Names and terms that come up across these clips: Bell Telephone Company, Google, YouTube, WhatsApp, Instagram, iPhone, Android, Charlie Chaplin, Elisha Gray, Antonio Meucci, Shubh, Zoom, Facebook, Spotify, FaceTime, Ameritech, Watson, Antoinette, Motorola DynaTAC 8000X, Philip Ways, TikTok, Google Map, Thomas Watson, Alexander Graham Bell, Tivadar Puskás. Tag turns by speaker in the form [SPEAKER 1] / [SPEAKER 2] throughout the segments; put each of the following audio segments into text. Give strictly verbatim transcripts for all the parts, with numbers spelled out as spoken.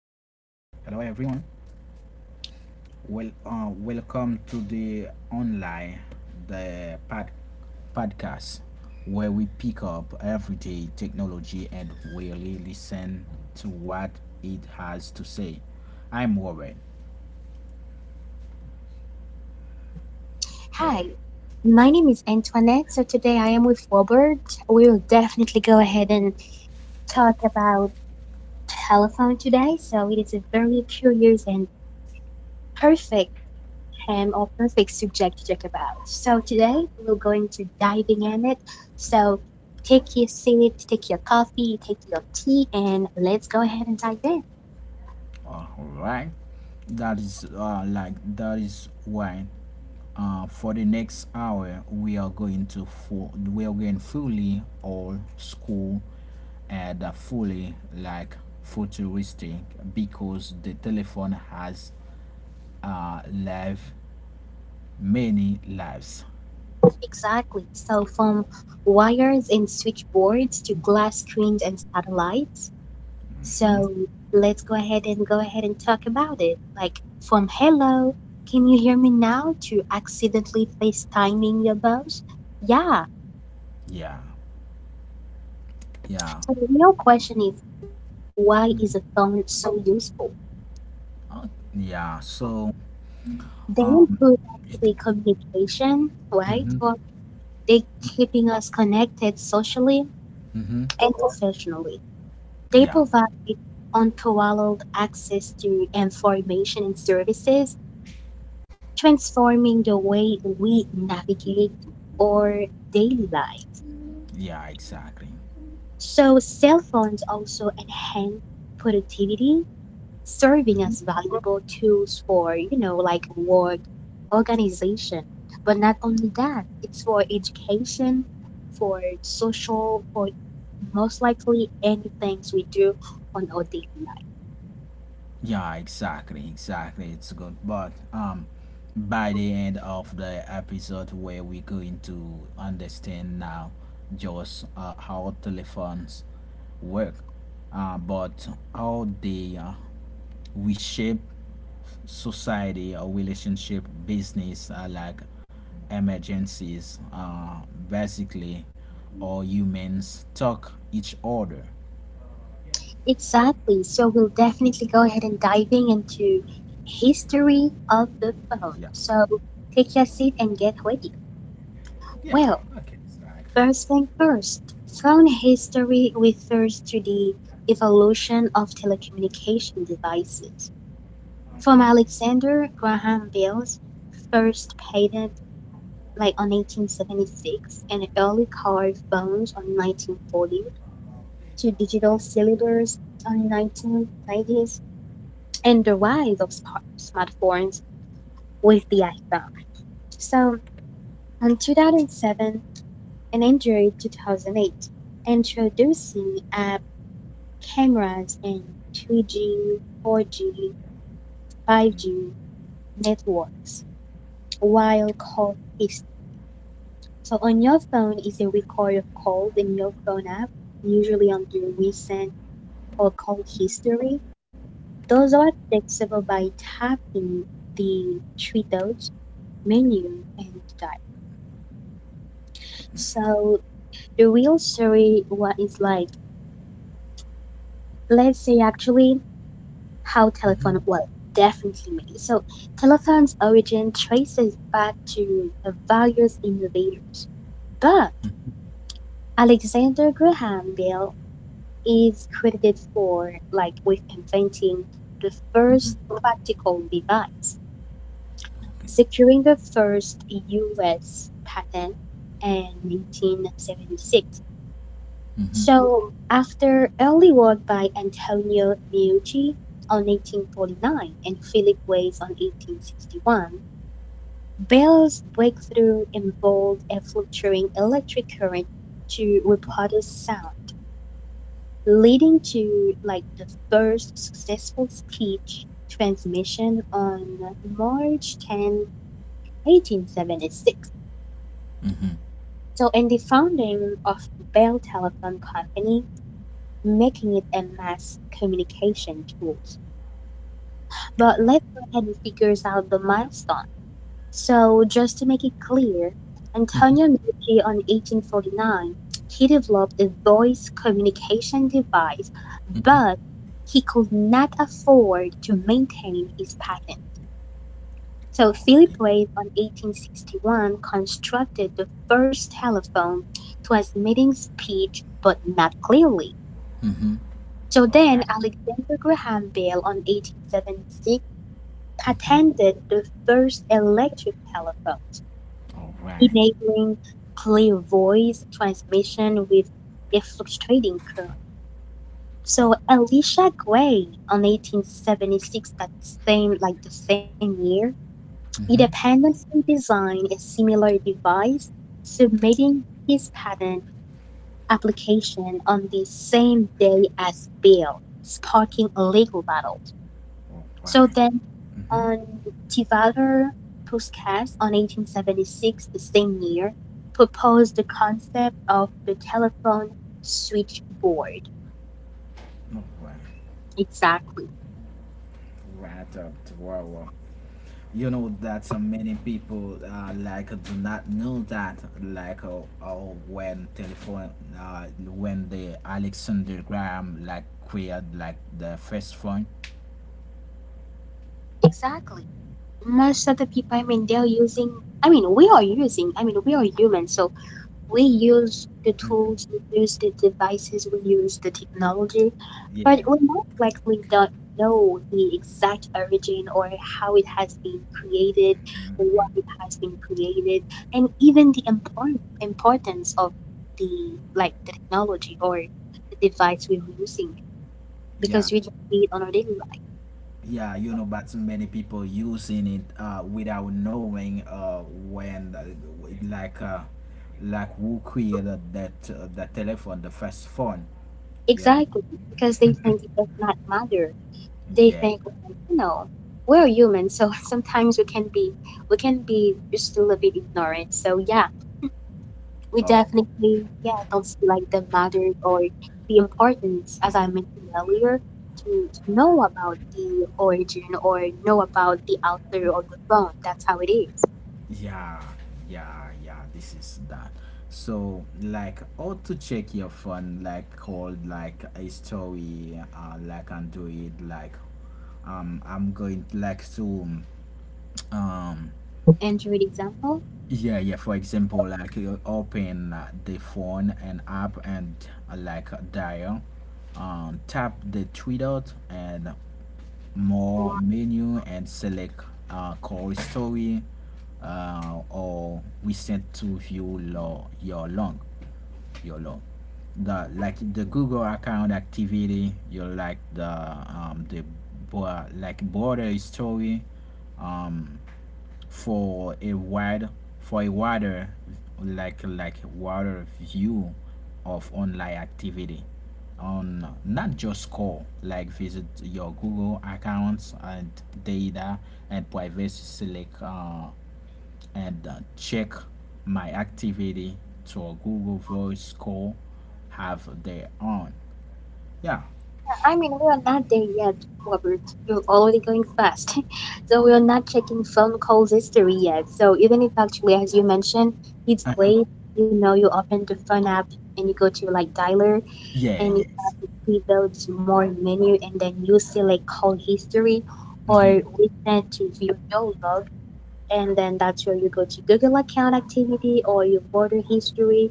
[SPEAKER 1] everyone. Well, uh, welcome to the online the pod, podcast where we pick up everyday technology and really listen to what it has to say. I'm Warren.
[SPEAKER 2] Hi, my name is Antoinette. So today I am with Robert. We'll definitely go ahead and talk about telephone today, so it is a very curious and perfect um, or perfect subject to talk about. So today we're going to diving in it. So take your seat, take your coffee, take your tea, and let's go ahead and dive in.
[SPEAKER 1] All right, that is uh, like that is why uh, for the next hour we are going to full, we are going fully all school and uh, fully like futuristic because the telephone has uh live many lives.
[SPEAKER 2] Exactly. So from wires and switchboards to glass screens and satellites. So let's go ahead and go ahead and talk about it. Like from hello, can you hear me now to accidentally FaceTiming your boss? Yeah.
[SPEAKER 1] Yeah, yeah,
[SPEAKER 2] So the real question is why is a phone so useful?
[SPEAKER 1] uh, yeah, so
[SPEAKER 2] They
[SPEAKER 1] um
[SPEAKER 2] improve actually
[SPEAKER 1] it,
[SPEAKER 2] communication, right?
[SPEAKER 1] mm-hmm,
[SPEAKER 2] Or they keeping us connected socially
[SPEAKER 1] mm-hmm,
[SPEAKER 2] and professionally. They
[SPEAKER 1] yeah,
[SPEAKER 2] provide unparalleled access to information and services, transforming the way we navigate our daily life.
[SPEAKER 1] yeah, exactly.
[SPEAKER 2] So, cell phones also enhance productivity, serving as
[SPEAKER 1] Hmm.
[SPEAKER 2] valuable tools for, you know, like work organization. But not only that, it's for education, for social, for most likely any things we do on our daily.
[SPEAKER 1] Yeah, exactly, exactly. It's good, but um, by the end of the episode, where we're going to understand now just uh, how telephones work, uh, but how they uh, we shape society or relationship, business, uh, like emergencies, uh, basically, or humans talk each other.
[SPEAKER 2] Exactly. So we'll definitely go ahead and diving into history of the
[SPEAKER 1] Yeah,
[SPEAKER 2] phone. So take your seat and get ready.
[SPEAKER 1] yeah,
[SPEAKER 2] Well,
[SPEAKER 1] okay, exactly.
[SPEAKER 2] first thing first, phone history refers to the evolution of telecommunication devices. From Alexander Graham Bell's first patent, like on eighteen seventy-six, and early car phones on nineteen forty, to digital cellulars on nineteen nineties and the rise of smartphones with the iPhone. So, in two thousand seven and Android two thousand eight, introducing app cameras and two G, four G, five G networks while call history. So, on your phone is a record of calls in your phone app, usually on your recent or call history. Those are accessible by tapping the three dots menu and dial. So the real story, what is like, let's say actually how
[SPEAKER 1] Mm-hmm.
[SPEAKER 2] telephone well definitely made. So telephone's origin traces back to the various innovators, but Alexander Graham Bell is credited for like with inventing the first
[SPEAKER 1] Mm-hmm.
[SPEAKER 2] practical device, securing the first U S patent in nineteen seventy-six.
[SPEAKER 1] Mm-hmm.
[SPEAKER 2] So, after Early Work by Antonio Meucci on eighteen forty-nine and Philip Ways on eighteen sixty-one, Bell's breakthrough involved a fluctuating electric current to reproduce sound, leading to like the first successful speech transmission on March tenth, eighteen seventy-six.
[SPEAKER 1] Mm-hmm.
[SPEAKER 2] So, in the founding of Bell Telephone Company, making it a mass communication tool. But let's go ahead and figure out the milestone. So, just to make it clear,
[SPEAKER 1] Mm-hmm.
[SPEAKER 2] Antonio Meucci on eighteen forty-nine, he developed a voice communication device,
[SPEAKER 1] Mm-hmm.
[SPEAKER 2] but he could not afford to maintain his patent. So Philip
[SPEAKER 1] Okay.
[SPEAKER 2] Wave on eighteen sixty-one constructed the first telephone to transmitting speech but not clearly.
[SPEAKER 1] Mm-hmm.
[SPEAKER 2] So
[SPEAKER 1] All
[SPEAKER 2] then
[SPEAKER 1] right.
[SPEAKER 2] Alexander Graham Bell on eighteen seventy-six
[SPEAKER 1] Mm-hmm.
[SPEAKER 2] patented the first electric telephones,
[SPEAKER 1] All right.
[SPEAKER 2] enabling clear voice transmission with a fluctuating current.
[SPEAKER 1] Okay.
[SPEAKER 2] So Elisha Gray on eighteen seventy-six, that same like the same year,
[SPEAKER 1] Mm-hmm.
[SPEAKER 2] independently designed a similar device, submitting his patent application on the same day as Bell, sparking a legal battle.
[SPEAKER 1] All
[SPEAKER 2] So
[SPEAKER 1] right.
[SPEAKER 2] then
[SPEAKER 1] Mm-hmm.
[SPEAKER 2] on Tivadar Puskás on eighteen seventy-six, the same year, proposed the concept of the telephone switchboard.
[SPEAKER 1] All right.
[SPEAKER 2] Exactly.
[SPEAKER 1] Right up to our. You know that so many people uh, like do not know that like uh, uh, when telephone uh, when the Alexander Graham like created like the first phone.
[SPEAKER 2] Exactly. Most of the people, I mean, they're using, I mean, we are using, I mean, we are humans, so we use the
[SPEAKER 1] Mm-hmm.
[SPEAKER 2] tools, we use the devices, we use the technology, but
[SPEAKER 1] Yeah.
[SPEAKER 2] we most likely don't know the exact origin or how it has been created, what it has been created, and even the important importance of the like the technology or the device we're using
[SPEAKER 1] Yeah.
[SPEAKER 2] because we just see it on our daily life.
[SPEAKER 1] Yeah, you know, but many people using it uh, without knowing uh, when uh, w- like uh, like who created that uh, the telephone the first phone, you know.
[SPEAKER 2] Exactly, because they think it does not matter they
[SPEAKER 1] Yeah,
[SPEAKER 2] think, you know, we're human, so sometimes we can be we can be just a little bit ignorant. So yeah, we
[SPEAKER 1] uh,
[SPEAKER 2] definitely yeah don't see like the matter or the importance, as I mentioned earlier, to, to know about the origin or know about the author of the poem. That's how it is.
[SPEAKER 1] yeah, yeah, yeah this is that. So like how to check your phone like called like a story, uh, like, and do it like um I'm going like to um
[SPEAKER 2] And to read example.
[SPEAKER 1] Yeah, yeah. For example, like you open uh, the phone and app and uh, like uh, dial, um, tap the three dot and more menu and select uh, call story uh, or we sent to view lo- your log, your log. The like the Google account activity, you like the um the bo- like border story, um for a wide for a wider like like wider view of online activity on not just score like visit your Google accounts and data and privacy select uh, and uh, check my activity to a Google voice call have their own, yeah.
[SPEAKER 2] I mean, we are not there yet, Robert. You're already going fast. So we are not checking phone calls history yet. So even if actually, as you mentioned, it's
[SPEAKER 1] Uh-huh.
[SPEAKER 2] great. You know, you open the phone app and you go to like dialer
[SPEAKER 1] Yeah,
[SPEAKER 2] and you have
[SPEAKER 1] yes,
[SPEAKER 2] to see more menu and then you select call history or
[SPEAKER 1] mm-hmm.
[SPEAKER 2] we send to view your log and then that's where you go to Google account activity or your border history.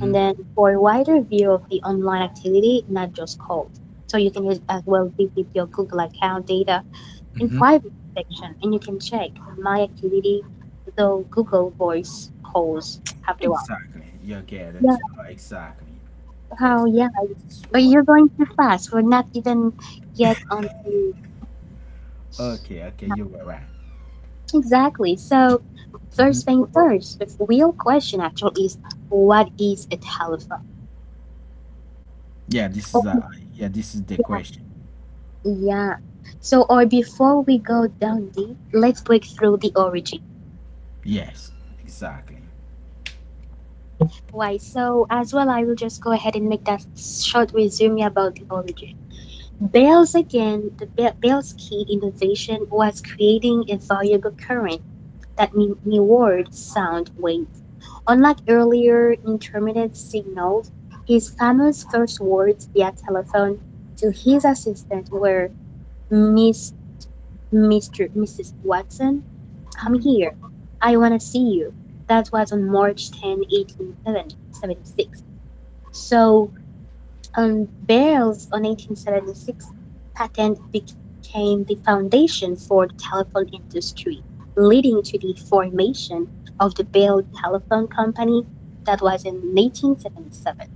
[SPEAKER 2] And then for a wider view of the online activity, not just cold. So you can use as well visit your Google account data in
[SPEAKER 1] Mm-hmm.
[SPEAKER 2] private section and you can check my activity, though Google voice calls after all.
[SPEAKER 1] Exactly. You get
[SPEAKER 2] Yeah,
[SPEAKER 1] it. Exactly.
[SPEAKER 2] how
[SPEAKER 1] Exactly.
[SPEAKER 2] yeah.
[SPEAKER 1] This is
[SPEAKER 2] But
[SPEAKER 1] what.
[SPEAKER 2] you're going too fast. We're not even yet on the
[SPEAKER 1] Okay. Okay. You were right.
[SPEAKER 2] exactly. So first thing first, the real question actually is what is a telephone?
[SPEAKER 1] Yeah. This
[SPEAKER 2] Or
[SPEAKER 1] is uh. Yeah. This is the question.
[SPEAKER 2] yeah. So, or before we go down deep, let's break through the origin.
[SPEAKER 1] Yes. Exactly.
[SPEAKER 2] Why? So, as well, I will just go ahead and make that short resume about the origin. Bell's again, the Be- Bell's key innovation was creating a variable current that mi- mirrored sound waves. Unlike earlier intermittent signals, his famous first words via telephone to his assistant were Miss Mister Missus Watson, come
[SPEAKER 1] Mm-hmm.
[SPEAKER 2] here. I want to see you. That was on March tenth, eighteen seventy-six. So, on Bell's on eighteen seventy-six patent became the foundation for the telephone industry, leading to the formation of the Bell Telephone Company that was in eighteen seventy-seven.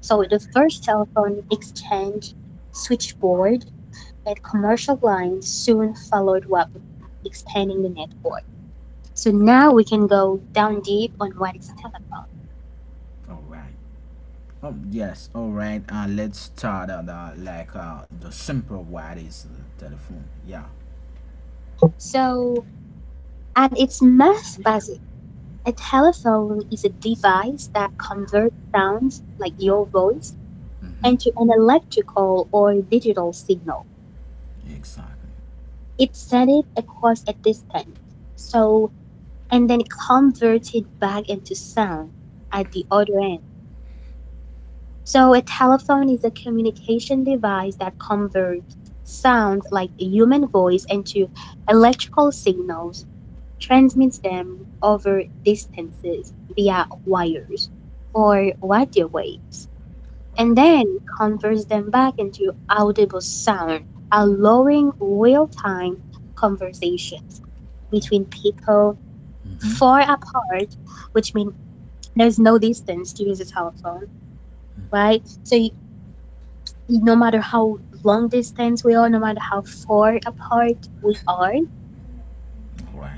[SPEAKER 2] So
[SPEAKER 1] All
[SPEAKER 2] the first telephone exchange, switchboard, and commercial lines soon followed up, expanding the network. So now we can go down deep on what is telephone.
[SPEAKER 1] right. All right. Um. Yes. All right. Uh. Let's start on the like uh the simple what is the telephone. Yeah.
[SPEAKER 2] So at its most basic, a telephone is a device that converts sounds like your voice
[SPEAKER 1] Mm-hmm.
[SPEAKER 2] into an electrical or digital signal.
[SPEAKER 1] Exactly.
[SPEAKER 2] It sends it across a distance. So and then it converts it back into sound at the other end. So a telephone is a communication device that converts sounds like a human voice into electrical signals, transmits them over distances via wires or radio waves,
[SPEAKER 1] Right.
[SPEAKER 2] and then converts them back into audible sound, allowing real time conversations between people far
[SPEAKER 1] Mm-hmm.
[SPEAKER 2] apart, which means there's no distance to use a telephone, right? So you, no matter how long distance we are, no matter how far apart we are,
[SPEAKER 1] All right.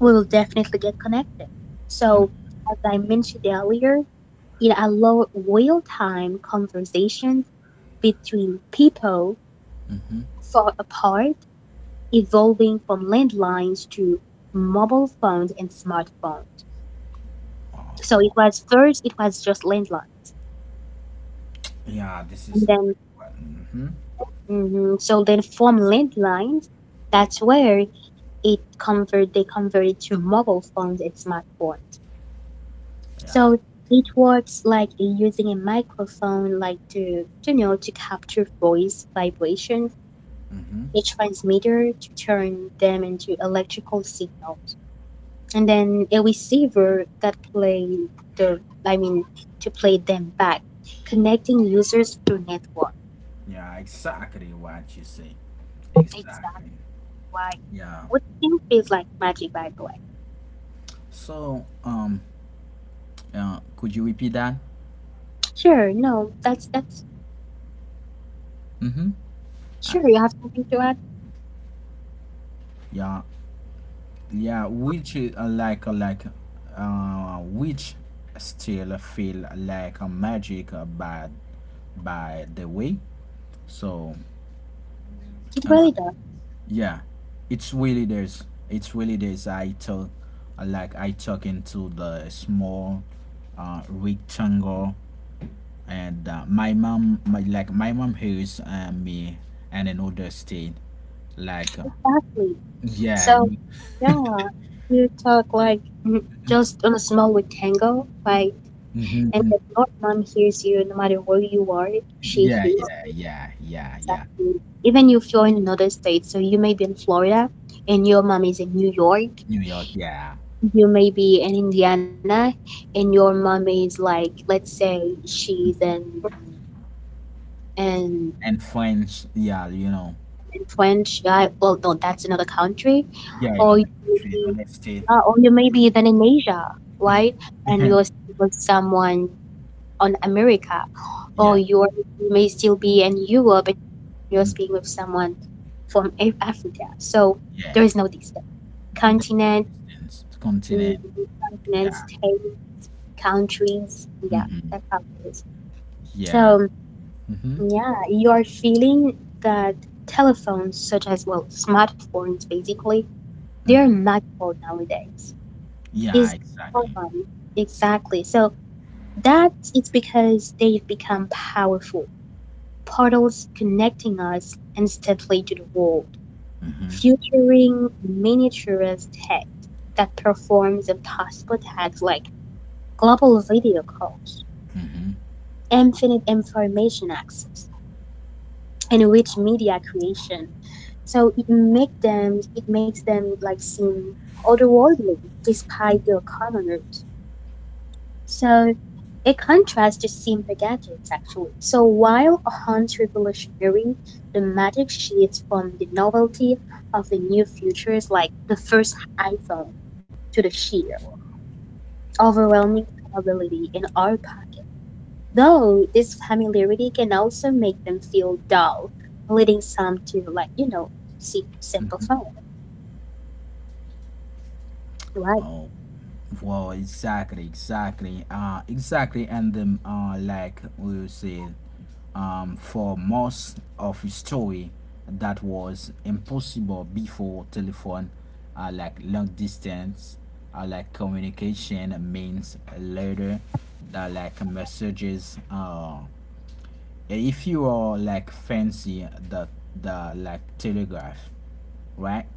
[SPEAKER 2] will definitely get connected. So,
[SPEAKER 1] Mm-hmm.
[SPEAKER 2] as I mentioned earlier, it allows real time conversations between people
[SPEAKER 1] Mm-hmm.
[SPEAKER 2] far apart, evolving from landlines to mobile phones and smartphones.
[SPEAKER 1] Oh.
[SPEAKER 2] So, it
[SPEAKER 1] Wow.
[SPEAKER 2] was first, it was just landline.
[SPEAKER 1] Yeah. This
[SPEAKER 2] And
[SPEAKER 1] is.
[SPEAKER 2] then,
[SPEAKER 1] Mm-hmm.
[SPEAKER 2] mhm, so then from landlines, that's where it convert they converted to mobile phones and smartphones.
[SPEAKER 1] Yeah.
[SPEAKER 2] So it works like using a microphone, like to, you know, to capture voice vibrations,
[SPEAKER 1] Mm-hmm.
[SPEAKER 2] a transmitter to turn them into electrical signals, and then a receiver that play the, I mean, to play them back, connecting users through network.
[SPEAKER 1] Yeah, exactly what you say.
[SPEAKER 2] It's that
[SPEAKER 1] Exactly.
[SPEAKER 2] why
[SPEAKER 1] Yeah.
[SPEAKER 2] what still feels like magic, by the way.
[SPEAKER 1] So, um, uh, could you repeat that?
[SPEAKER 2] Sure, no, that's that's
[SPEAKER 1] Mm-hmm. I,
[SPEAKER 2] sure. You have something to add.
[SPEAKER 1] yeah, yeah. Which is uh, like uh, like, uh, which still feel like a magic, uh, by by the way. So,
[SPEAKER 2] It
[SPEAKER 1] uh,
[SPEAKER 2] really does.
[SPEAKER 1] yeah, it's really there's it's really there's I took, like I took into the small uh rectangle and uh, my mom my like my mom hears uh, me and another state like uh,
[SPEAKER 2] Exactly.
[SPEAKER 1] yeah
[SPEAKER 2] So
[SPEAKER 1] y-
[SPEAKER 2] yeah, you talk like mm, just on a small rectangle, like,
[SPEAKER 1] mhm,
[SPEAKER 2] and
[SPEAKER 1] mhm.
[SPEAKER 2] if no one hears you, no matter where you are, she
[SPEAKER 1] Yeah,
[SPEAKER 2] hears
[SPEAKER 1] yeah, yeah, yeah, yeah.
[SPEAKER 2] you. Even if you're in another state, so you may be in Florida, and your mom is in New York,
[SPEAKER 1] New York, yeah.
[SPEAKER 2] you may be in Indiana, and your mom is like, let's say she's in in,
[SPEAKER 1] And French, yeah, you know.
[SPEAKER 2] in French, I, well, no, that's another country,
[SPEAKER 1] Yeah, in
[SPEAKER 2] or
[SPEAKER 1] other
[SPEAKER 2] you may
[SPEAKER 1] country, in
[SPEAKER 2] be,
[SPEAKER 1] other state.
[SPEAKER 2] uh, or you may be even in Asia, right? And you're with someone on America, or
[SPEAKER 1] Yeah,
[SPEAKER 2] you're, you may still be in Europe and you're speaking with
[SPEAKER 1] mm,
[SPEAKER 2] someone from Af- Africa. So there is no
[SPEAKER 1] yeah,
[SPEAKER 2] distance.
[SPEAKER 1] that's
[SPEAKER 2] Continent,
[SPEAKER 1] no distance
[SPEAKER 2] mm,
[SPEAKER 1] continent,
[SPEAKER 2] continent,
[SPEAKER 1] yeah.
[SPEAKER 2] state, countries. Yeah,
[SPEAKER 1] Mm-hmm.
[SPEAKER 2] that's how it is.
[SPEAKER 1] Yeah.
[SPEAKER 2] So
[SPEAKER 1] Mm-hmm.
[SPEAKER 2] yeah, you are feeling that telephones, such as well smartphones, basically, they are
[SPEAKER 1] Mm-hmm.
[SPEAKER 2] magical nowadays.
[SPEAKER 1] Yeah,
[SPEAKER 2] Is
[SPEAKER 1] exactly.
[SPEAKER 2] exactly. So that it's because they've become powerful portals connecting us instantly to the world,
[SPEAKER 1] Mm-hmm.
[SPEAKER 2] featuring miniaturized text that performs impossible tasks like global video calls,
[SPEAKER 1] Mm-hmm.
[SPEAKER 2] infinite information access, and rich media creation. So it make them it makes them like seem otherworldly despite their commoners. So it contrasts is seen gadgets actually. So while Hunt's revolutionary dramatic shifts from the novelty of the new features, like the first iPhone to the sheer overwhelming capability in archive. Though this familiarity can also make them feel dull, leading some to like, you know, seek simple fun, right?
[SPEAKER 1] Oh, well, exactly, exactly, uh, exactly, and then, uh, like we said, um, for most of his story, that was impossible before telephone, uh, like long distance, uh, like communication means later, that like messages. Uh, if you are like fancy the the like telegraph, right?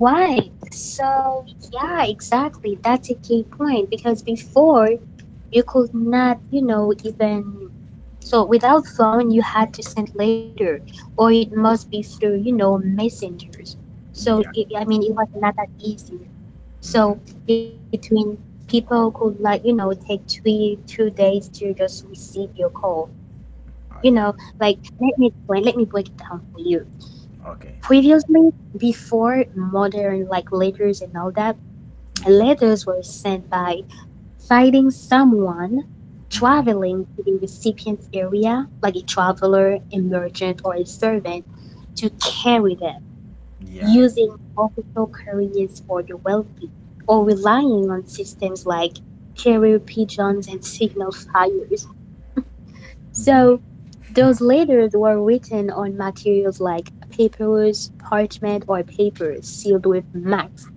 [SPEAKER 2] Right. So, yeah, exactly. That's a key point because before you could not, you know, even so without phone you had to send letter or it must be through, you know, messengers. So
[SPEAKER 1] Yeah.
[SPEAKER 2] it, I mean it was not that easy.
[SPEAKER 1] Mm-hmm.
[SPEAKER 2] So between people could like, you know, take three two days to just receive your call. You
[SPEAKER 1] Oh, yeah.
[SPEAKER 2] know, like let me explain, let me break it down for you.
[SPEAKER 1] Okay.
[SPEAKER 2] Previously, before modern like letters and all that,
[SPEAKER 1] Mm-hmm.
[SPEAKER 2] letters were sent by sighting someone
[SPEAKER 1] Mhm.
[SPEAKER 2] traveling to the recipient's area, like a traveler, a merchant, or a servant, to carry them
[SPEAKER 1] Ja, ex-
[SPEAKER 2] using official couriers for the wealthy or relying on systems like carrier pigeons and signal fires.
[SPEAKER 1] mhm.
[SPEAKER 2] So, those letters were written on materials like papyrus, parchment, or paper sealed with wax,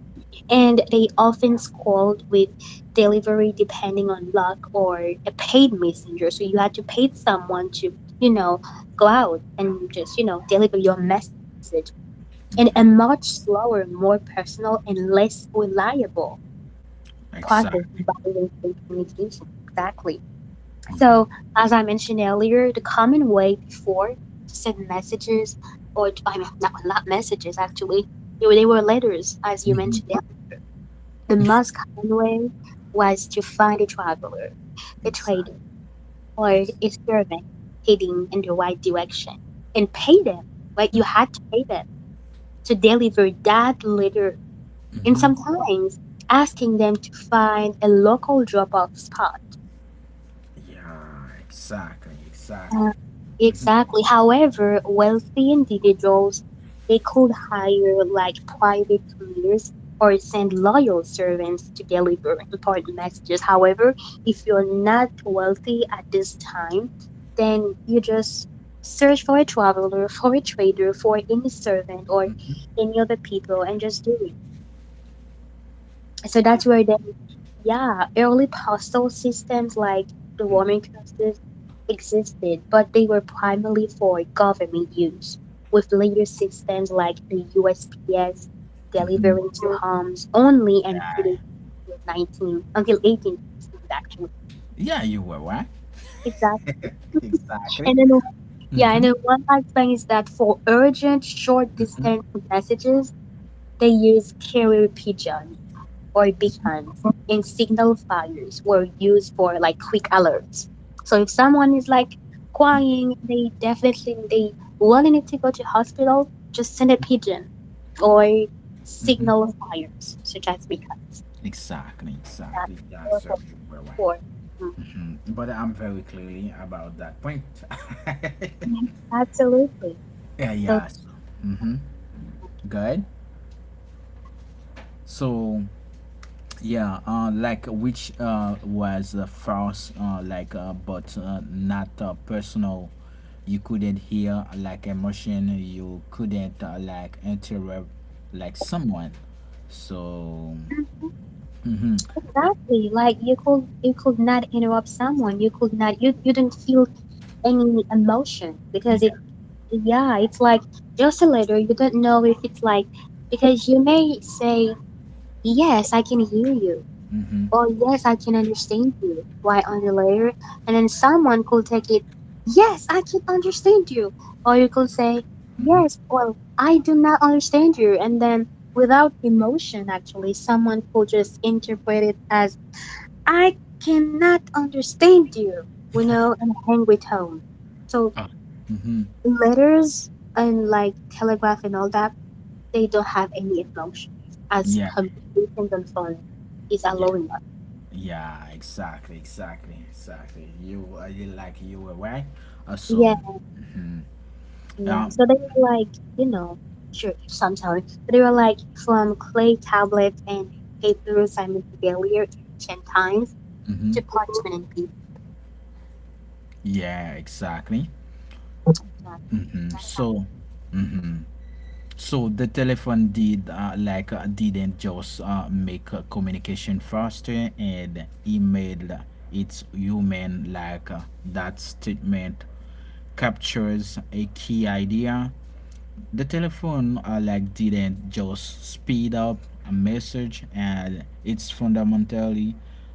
[SPEAKER 2] and they often scold with delivery depending on luck or a paid messenger. So you had to pay someone to, you know, go out and just, you know, deliver your message in a much slower, more personal, and less reliable process
[SPEAKER 1] Exact.
[SPEAKER 2] involving communication. Exactly. So, as I mentioned earlier, the common way before to send messages, or to, I mean, not, not messages actually, they were they were letters, as you
[SPEAKER 1] Mhm.
[SPEAKER 2] mentioned the most common way was to find a traveler, a trader,
[SPEAKER 1] Exactly.
[SPEAKER 2] or
[SPEAKER 1] Ex-
[SPEAKER 2] a servant heading in the right direction and pay them, right? You had to pay them to deliver that letter, and
[SPEAKER 1] Mhm.
[SPEAKER 2] sometimes asking them to find a local drop off spot.
[SPEAKER 1] Yeah, exactly, exactly.
[SPEAKER 2] Uh, exactly. However, wealthy individuals they could hire like private couriers or send loyal servants to deliver important messages. However, if you're not wealthy at this time, then you just search for a traveler, for a trader, for any servant or any other people and just do it. So
[SPEAKER 1] Yeah.
[SPEAKER 2] that's where they, yeah, early postal systems like the Roman customs existed, but they were primarily for government use, with later systems like the U S P S
[SPEAKER 1] Mhm.
[SPEAKER 2] delivering to homes only until
[SPEAKER 1] Yeah.
[SPEAKER 2] 19 until 18 sixties actually.
[SPEAKER 1] Yeah, you were right.
[SPEAKER 2] Exactly. And
[SPEAKER 1] Exactly.
[SPEAKER 2] then yeah, and
[SPEAKER 1] Mhm.
[SPEAKER 2] then one last thing is that for urgent short distance messages, they use carrier pigeon or big hands. And signal fires were used for like quick alerts. So if someone is like crying, they definitely they wanting to go to hospital, just send a pigeon or
[SPEAKER 1] Mhm.
[SPEAKER 2] signal fires such as big hands.
[SPEAKER 1] Exactly,
[SPEAKER 2] That's
[SPEAKER 1] exactly. Yeah,
[SPEAKER 2] what
[SPEAKER 1] sir,
[SPEAKER 2] we're
[SPEAKER 1] you were right.
[SPEAKER 2] for.
[SPEAKER 1] But I'm very clearly about that point.
[SPEAKER 2] Mm. Absolutely.
[SPEAKER 1] Yeah,
[SPEAKER 2] So
[SPEAKER 1] yeah. So, good. So, yeah, uh, like which uh, was uh, false, uh, like uh, but uh, not uh, personal. You couldn't hear like emotion. You couldn't uh, like interrupt like someone. So
[SPEAKER 2] exactly, like you could you could not interrupt someone. You could not you you didn't feel any emotion because
[SPEAKER 1] yeah.
[SPEAKER 2] it, yeah, it's like just a letter. You don't know if it's like, because you may say, yes, I can hear you,
[SPEAKER 1] Mhm.
[SPEAKER 2] or yes, I can understand you. Why on the letter? And then someone could take it, yes, I can understand you. Or you could say,
[SPEAKER 1] Mhm.
[SPEAKER 2] yes, well, I do not understand you. And then without emotion, actually, someone could just interpret it as, I cannot understand you, you know, and hang with home. So
[SPEAKER 1] Ah, mm-hmm.
[SPEAKER 2] letters and like telegraph and all that, they don't have any emotions as
[SPEAKER 1] Yeah,
[SPEAKER 2] communication on phone is
[SPEAKER 1] yeah,
[SPEAKER 2] allowing us.
[SPEAKER 1] yeah. Exactly, exactly, exactly. You, uh, you like you were right. Uh,
[SPEAKER 2] Yeah,
[SPEAKER 1] so, mm,
[SPEAKER 2] yeah.
[SPEAKER 1] um,
[SPEAKER 2] So they were like, you know, sure, sometimes they were like from clay tablets and paper earlier ancient times
[SPEAKER 1] mm-hmm.
[SPEAKER 2] to parchment and paper.
[SPEAKER 1] Yeah, exactly.
[SPEAKER 2] Yeah,
[SPEAKER 1] Mm-hmm.
[SPEAKER 2] that's how.
[SPEAKER 1] So, mm-hmm. So the telephone did uh, like uh, didn't just uh, make uh, communication faster and it made its human like, uh, that statement captures a key idea, the telephone, uh, like didn't just speed up a message and it's fundamentally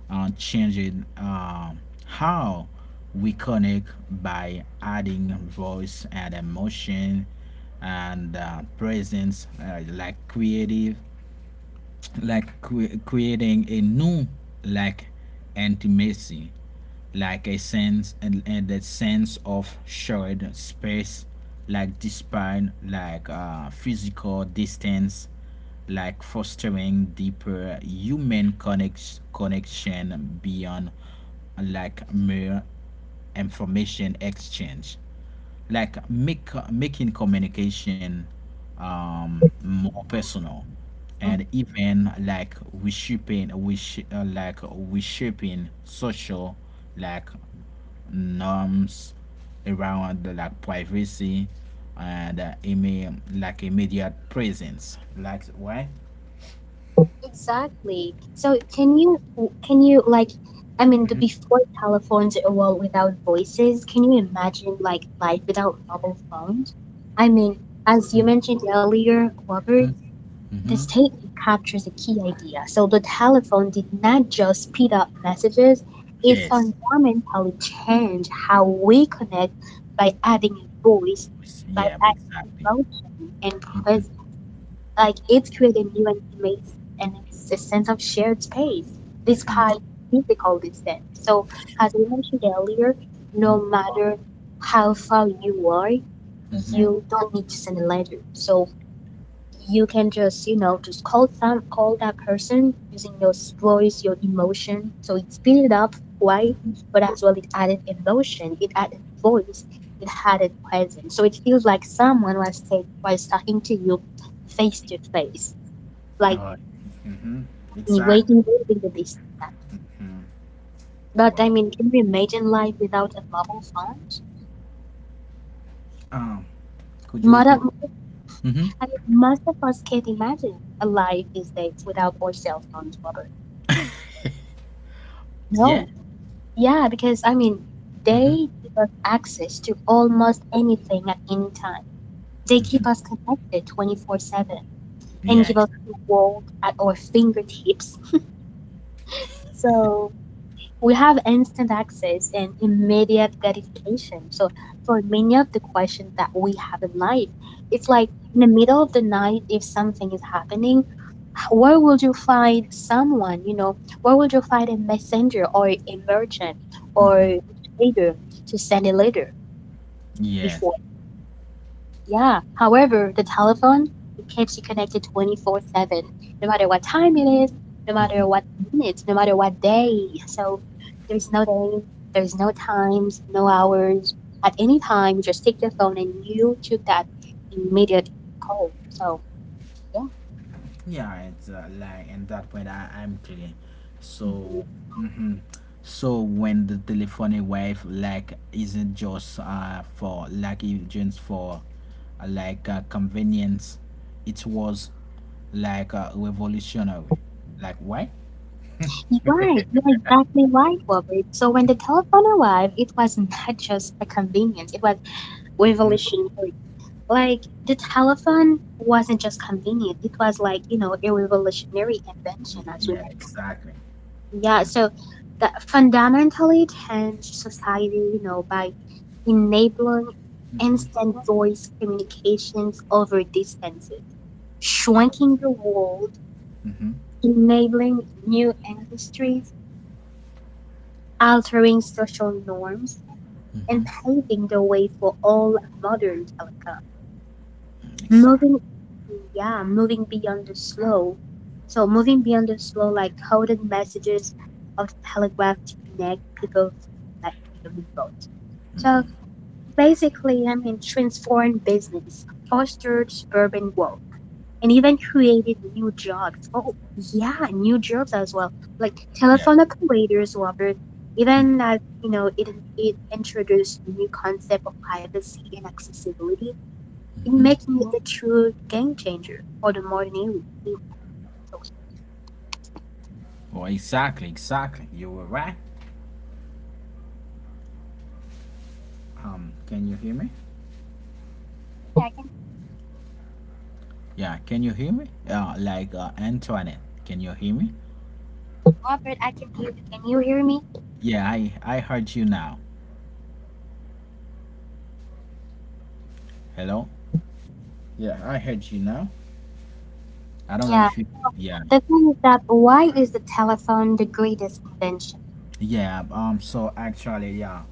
[SPEAKER 1] uh, changing uh, how we connect by adding voice and emotion and, uh, presence, uh, like creative like cre- creating a new like intimacy like a sense, and, and that sense of shared space like despite like uh, physical distance, like fostering deeper human connect- connection beyond like mere information exchange, like make making communication um more personal and even like we shipping we sh- uh, like we shaping social like norms around like privacy and, uh, email, like immediate presence, like why.
[SPEAKER 2] Exactly. So can you can you like, I mean the before telephones were without voices, can you imagine like life without mobile phones? I mean, as you mentioned earlier, Robert, the
[SPEAKER 1] Mm-hmm.
[SPEAKER 2] statement captures a key idea. So the telephone did not just speed up messages, it
[SPEAKER 1] Yes,
[SPEAKER 2] fundamentally changed how we connect by adding a voice, by
[SPEAKER 1] yeah,
[SPEAKER 2] adding
[SPEAKER 1] exactly.
[SPEAKER 2] emotion and presence. Like it's created new and intimates and it's a sense of shared space despite physical distance. So as we mentioned earlier, no matter how far you are,
[SPEAKER 1] Mm-hmm.
[SPEAKER 2] you don't need to send a letter. So you can just you know just call some call that person using your voice your emotion, so it speeded up why, but as well it added emotion, it added voice, it added presence, so it feels like someone was take was talking to you face to face, like
[SPEAKER 1] uh,
[SPEAKER 2] you
[SPEAKER 1] exactly
[SPEAKER 2] waiting waiting the distance. But I
[SPEAKER 1] well,
[SPEAKER 2] mean, can you imagine life without a mobile phone?
[SPEAKER 1] could you
[SPEAKER 2] Mother,
[SPEAKER 1] repeat? Mm-hmm.
[SPEAKER 2] I mean, most of us can't imagine a life these days without our cell phones, Robert.
[SPEAKER 1] Yeah.
[SPEAKER 2] No. Yeah, because I mean,
[SPEAKER 1] Mm-hmm.
[SPEAKER 2] they give us access to almost anything at any time. They keep us connected twenty four seven and
[SPEAKER 1] Yeah,
[SPEAKER 2] give us
[SPEAKER 1] exactly.
[SPEAKER 2] the world at our fingertips. So we have instant access and immediate gratification. So for many of the questions that we have in life, it's like in the middle of the night, if something is happening, where would you find someone, you know, where would you find a messenger or a merchant or
[SPEAKER 1] Hmm.
[SPEAKER 2] a trader to send a letter
[SPEAKER 1] Yes.
[SPEAKER 2] before? Yeah. However, the telephone it keeps you connected twenty four seven, no matter what time it is, no matter what
[SPEAKER 1] Hmm.
[SPEAKER 2] minute, no matter what day. So there's no day, there's no times, no hours. At any time, you just take your phone and you took that immediate call. So yeah.
[SPEAKER 1] Yeah, it's, uh, like at that point, I, I'm clear.
[SPEAKER 2] Mhm.
[SPEAKER 1] So so when the telephone wave like isn't just uh for like it's just for uh, like uh, convenience, it was like, uh, revolutionary. Like why?
[SPEAKER 2] Right, you're exactly right, Robert. So when the telephone arrived, it was not just a convenience, it was revolutionary. Like the telephone wasn't just convenient, it was like, you know, a revolutionary invention
[SPEAKER 1] Y-
[SPEAKER 2] as we
[SPEAKER 1] Yeah, exactly.
[SPEAKER 2] mentioned. Yeah, so that fundamentally changed society, you know, by enabling instant voice communications over distances, shrinking the world,
[SPEAKER 1] Mm-hmm.
[SPEAKER 2] enabling new industries, altering social norms and
[SPEAKER 1] Mm-hmm.
[SPEAKER 2] paving the way for all modern telecom.
[SPEAKER 1] Exactly.
[SPEAKER 2] Moving, yeah, moving beyond the slow. So moving beyond the slow, like coded messages of the telegraph to connect people like human votes. So basically, I mean, transform business, foster suburban growth, and even created new jobs. Oh, yeah, new jobs as well, like
[SPEAKER 1] Yeah.
[SPEAKER 2] telephone operators, Robert. Even as you know, it it introduced new concept of privacy and accessibility, it making it a true game changer for the modern era.
[SPEAKER 1] Well, exactly, exactly. You were right. Um, can you hear me?
[SPEAKER 2] Hey, I can.
[SPEAKER 1] Yeah, can you hear me? Uh, like uh, Antoinette, can you hear me?
[SPEAKER 2] Robert, I can hear you. Can you hear me?
[SPEAKER 1] Yeah, I I heard you now. Hello. Yeah, I heard you now. I don't know
[SPEAKER 2] Yeah.
[SPEAKER 1] if you. Yeah,
[SPEAKER 2] The thing is that why is the telephone the greatest invention?
[SPEAKER 1] yeah. Um. So actually, yeah,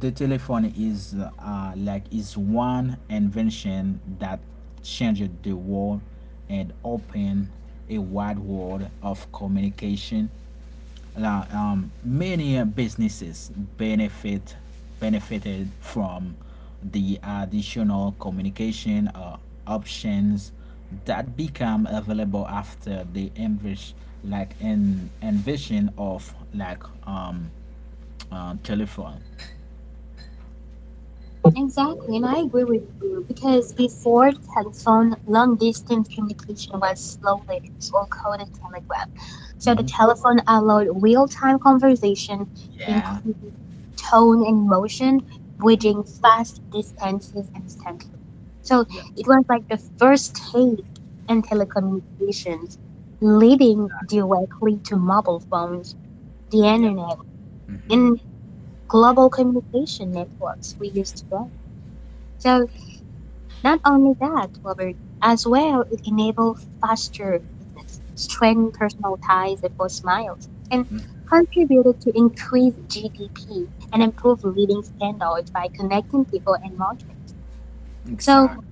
[SPEAKER 1] the telephone is uh like is one invention that changed the world and opened a wide world of communication, la- um, many uh, businesses benefit benefited from the additional communication uh, options that become available after the envis- like in envision of like um uh, telephone.
[SPEAKER 2] Exactly, and I agree with you because before telephone, long distance communication was slow letters or coded telegraph. So the
[SPEAKER 1] Hmm.
[SPEAKER 2] telephone allowed real time conversation,
[SPEAKER 1] Yeah,
[SPEAKER 2] including tone and motion, bridging fast distances instantly. So
[SPEAKER 1] yeah,
[SPEAKER 2] it was like the first stage in telecommunications, leading directly to mobile phones, the
[SPEAKER 1] yeah.
[SPEAKER 2] internet, and global communication networks we use today. So not only that, Robert, as well, it enabled faster business, strengthened personal ties across miles, and contributed to increased G D P and improved living standards by connecting people and markets. So,
[SPEAKER 1] Exactly.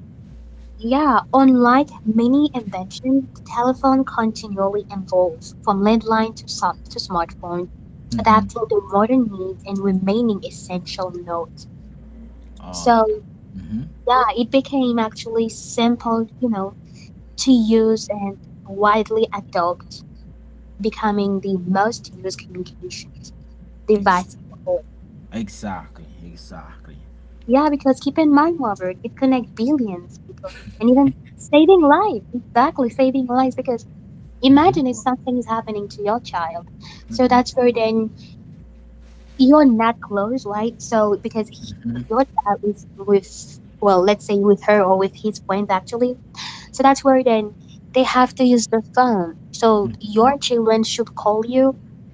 [SPEAKER 2] yeah, unlike many inventions, the telephone continually evolves from landline to, sub- to smartphone,
[SPEAKER 1] Mm-hmm.
[SPEAKER 2] adapting to modern needs and remaining essential nodes.
[SPEAKER 1] Uh,
[SPEAKER 2] So,
[SPEAKER 1] mm-hmm.
[SPEAKER 2] yeah, it became actually simple, you know, to use and widely adopt, becoming the most used communication
[SPEAKER 1] Ex-
[SPEAKER 2] device in the world.
[SPEAKER 1] exactly. Exactly.
[SPEAKER 2] Yeah, because keep in mind, Robert, it connects billions of people and even saving lives. Exactly, saving lives. Because
[SPEAKER 1] Mm-hmm.
[SPEAKER 2] imagine if something is happening to your child. So
[SPEAKER 1] Mm-hmm.
[SPEAKER 2] that's where then you're not close, right? So because he- your child is with, well, let's say with her or with his friends actually. So that's where then they have to use the phone. So your children should call you.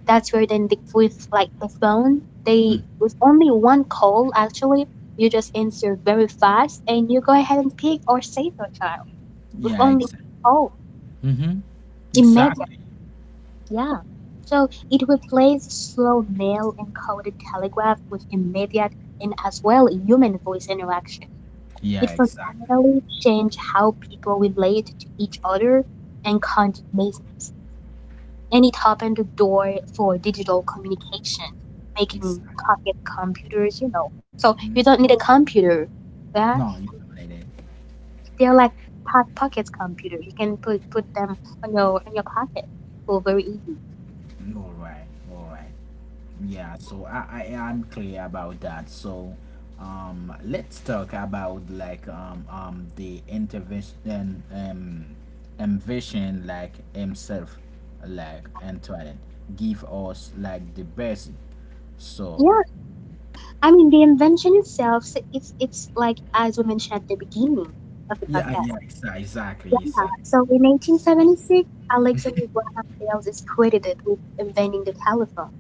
[SPEAKER 2] That's where then the, with like the phone, they with only one call actually, you just answer very fast and you go ahead and pick or save your child with
[SPEAKER 1] Yeah.
[SPEAKER 2] only
[SPEAKER 1] Exactly.
[SPEAKER 2] one call.
[SPEAKER 1] Mm-hmm.
[SPEAKER 2] Immediate,
[SPEAKER 1] Exactly.
[SPEAKER 2] yeah. So it replaced slow mail encoded telegraph with immediate and as well human voice interaction.
[SPEAKER 1] Yeah,
[SPEAKER 2] It
[SPEAKER 1] exactly.
[SPEAKER 2] fundamentally changed how people relate to each other and conduct business, and it opened the door for digital communication, making
[SPEAKER 1] Exactly.
[SPEAKER 2] pocket computers, you know. So you don't need a computer.
[SPEAKER 1] No,
[SPEAKER 2] Yeah,
[SPEAKER 1] you dominated.
[SPEAKER 2] they're like po- pocket computer. You can put put them on your in your pocket for very easy.
[SPEAKER 1] All right. All right. Yeah, so I, I am clear about that. So um let's talk about like um um the intervention, um envision like himself, like Antoinette give us like the best. So
[SPEAKER 2] Yeah, I mean the invention itself, s- it's it's like as we mentioned at the beginning of the
[SPEAKER 1] yeah,
[SPEAKER 2] podcast.
[SPEAKER 1] yeah, exa- exactly,
[SPEAKER 2] Yeah,
[SPEAKER 1] exactly.
[SPEAKER 2] so in eighteen seventy six, Alexander Graham Bell is credited with inventing the telephone.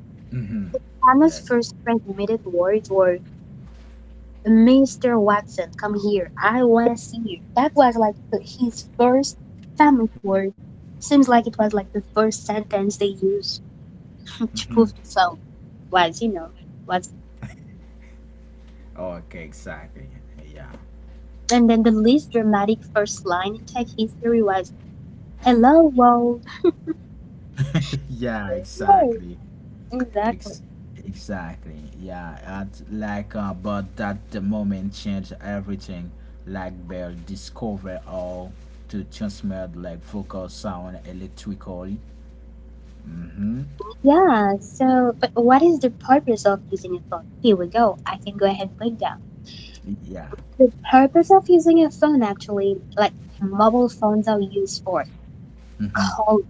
[SPEAKER 2] Hannah's
[SPEAKER 1] Yes.
[SPEAKER 2] first transmitted words were, mister Watson, come here. I want to see you. That was like the- his first family word. Seems like it was like the first sentence they used to prove the phone was, you know, was.
[SPEAKER 1] Okay, exactly. Yeah.
[SPEAKER 2] And then the least dramatic first line in tech history was, hello, world.
[SPEAKER 1] Yeah,
[SPEAKER 2] Hey.
[SPEAKER 1] exactly.
[SPEAKER 2] Exactly.
[SPEAKER 1] Ex- exactly. Yeah, at, like, uh, but that the moment changed everything. Like Bell discovered how to transmit like vocal sound electrically.
[SPEAKER 2] Yeah, so, but what is the purpose of using a phone? Here we go. I can go ahead and break down.
[SPEAKER 1] Yeah,
[SPEAKER 2] The purpose of using a phone actually, like mobile phones are used for call,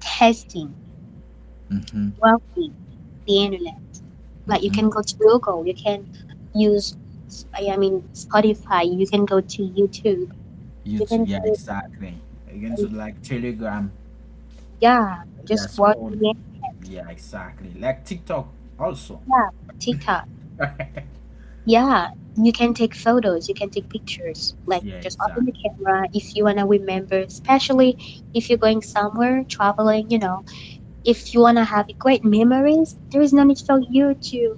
[SPEAKER 2] testing, browsing, the internet. Like you can go to Google, you can use, I mean, Spotify, you can go to YouTube, you can
[SPEAKER 1] YouTube. Yeah,
[SPEAKER 2] do,
[SPEAKER 1] exactly. Into like Telegram.
[SPEAKER 2] yeah,
[SPEAKER 1] Yeah,
[SPEAKER 2] just watch
[SPEAKER 1] sport.
[SPEAKER 2] the
[SPEAKER 1] Yeah, exactly. Like TikTok also.
[SPEAKER 2] yeah, TikTok.
[SPEAKER 1] Yeah,
[SPEAKER 2] Yeah, you can take photos, you can take pictures. Like just open the
[SPEAKER 1] exactly.
[SPEAKER 2] camera if you wanna remember, especially if you're going somewhere, traveling, you know, if you wanna have great memories, there is no need for you to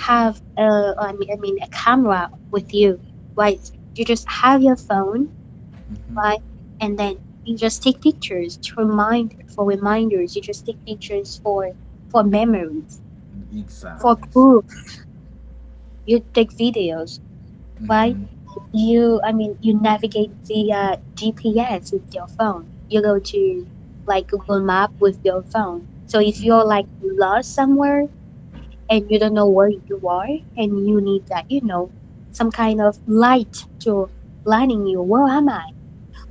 [SPEAKER 2] have a, I mean, I mean a camera with you, right? You just have your phone, right? And then you just take pictures to remind for reminders. You just take pictures for for memories, for
[SPEAKER 1] Exactly. Exactly.
[SPEAKER 2] proof. You take videos, right?
[SPEAKER 1] Mm-hmm.
[SPEAKER 2] You, I mean, you navigate via GPS with your phone. You go to, like, Google Map with your phone. So if you're, like, lost somewhere and you don't know where you are, and you need that, you know some kind of light to guiding you, where am I,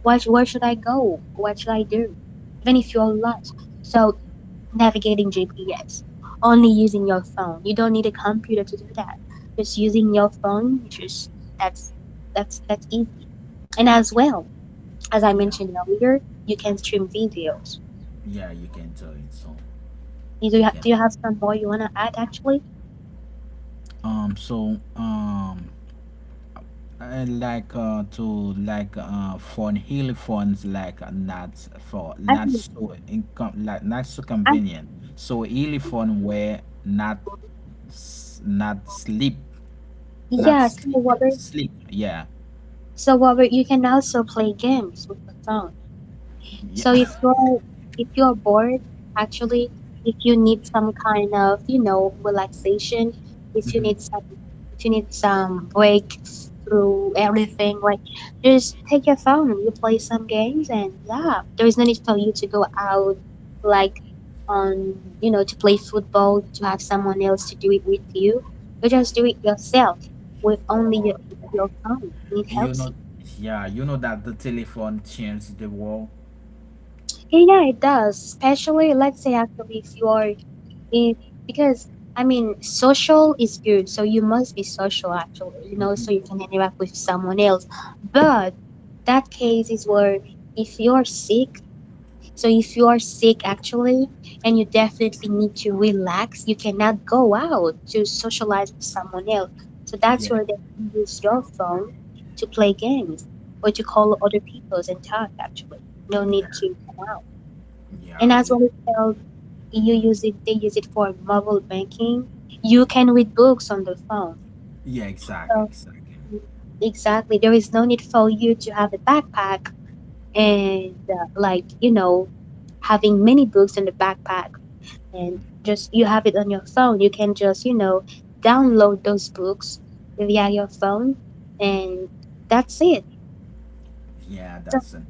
[SPEAKER 2] what, where should I go, what should I do, even if you're lost, so navigating GPS only using your phone. You don't need a computer to do that, just using your phone. Just that's that's that's easy. And as well, as I
[SPEAKER 1] Yeah,
[SPEAKER 2] mentioned earlier, you can stream videos.
[SPEAKER 1] yeah, you can do it. So
[SPEAKER 2] You Do you,
[SPEAKER 1] you
[SPEAKER 2] ha-
[SPEAKER 1] can.
[SPEAKER 2] do you have some more you want to add actually?
[SPEAKER 1] Um, so um, I like uh, to like uh, phone hill phones like, uh, not for
[SPEAKER 2] I
[SPEAKER 1] not
[SPEAKER 2] mean,
[SPEAKER 1] so income like not so
[SPEAKER 2] I,
[SPEAKER 1] convenient. So hill phone were not s- not sleep, not
[SPEAKER 2] yeah, so
[SPEAKER 1] sleep,
[SPEAKER 2] Robert,
[SPEAKER 1] sleep. Yeah,
[SPEAKER 2] so Robert, you can also play games with your phone.
[SPEAKER 1] yeah.
[SPEAKER 2] So if you're if you're bored, actually, if you need some kind of, you know, relaxation, if you need some if you need some break through everything, like just take your phone, you play some games, and yeah, there is no need for you to go out, like, on, you know, to play football, to have someone else to do it with you. You just do it yourself with only your your phone. It
[SPEAKER 1] You
[SPEAKER 2] helps
[SPEAKER 1] know,
[SPEAKER 2] you.
[SPEAKER 1] yeah. You know that the telephone changed the world.
[SPEAKER 2] Yeah, yeah, it does. Especially, let's say, actually, if you are It because, I mean, social is good, so you must be social actually, you know, so you can interact with someone else. But that case is where if you're sick, so if you are sick actually, and you definitely need to relax, you cannot go out to socialize with someone else. So that's
[SPEAKER 1] Yeah,
[SPEAKER 2] where they use your phone to play games or to call other peoples and talk actually. No
[SPEAKER 1] yeah,
[SPEAKER 2] need to. And
[SPEAKER 1] yeah,
[SPEAKER 2] as
[SPEAKER 1] li-
[SPEAKER 2] what, well, as you use it, they use it for mobile banking. You can read books on the phone.
[SPEAKER 1] yeah. Exactly,
[SPEAKER 2] So
[SPEAKER 1] exactly.
[SPEAKER 2] exactly, there is no need for you to have a backpack and, uh, like, you know, having many books in the backpack, and just you have it on your phone. You can just, you know download those books via your phone, and that's it.
[SPEAKER 1] Yeah,
[SPEAKER 2] So
[SPEAKER 1] that's it.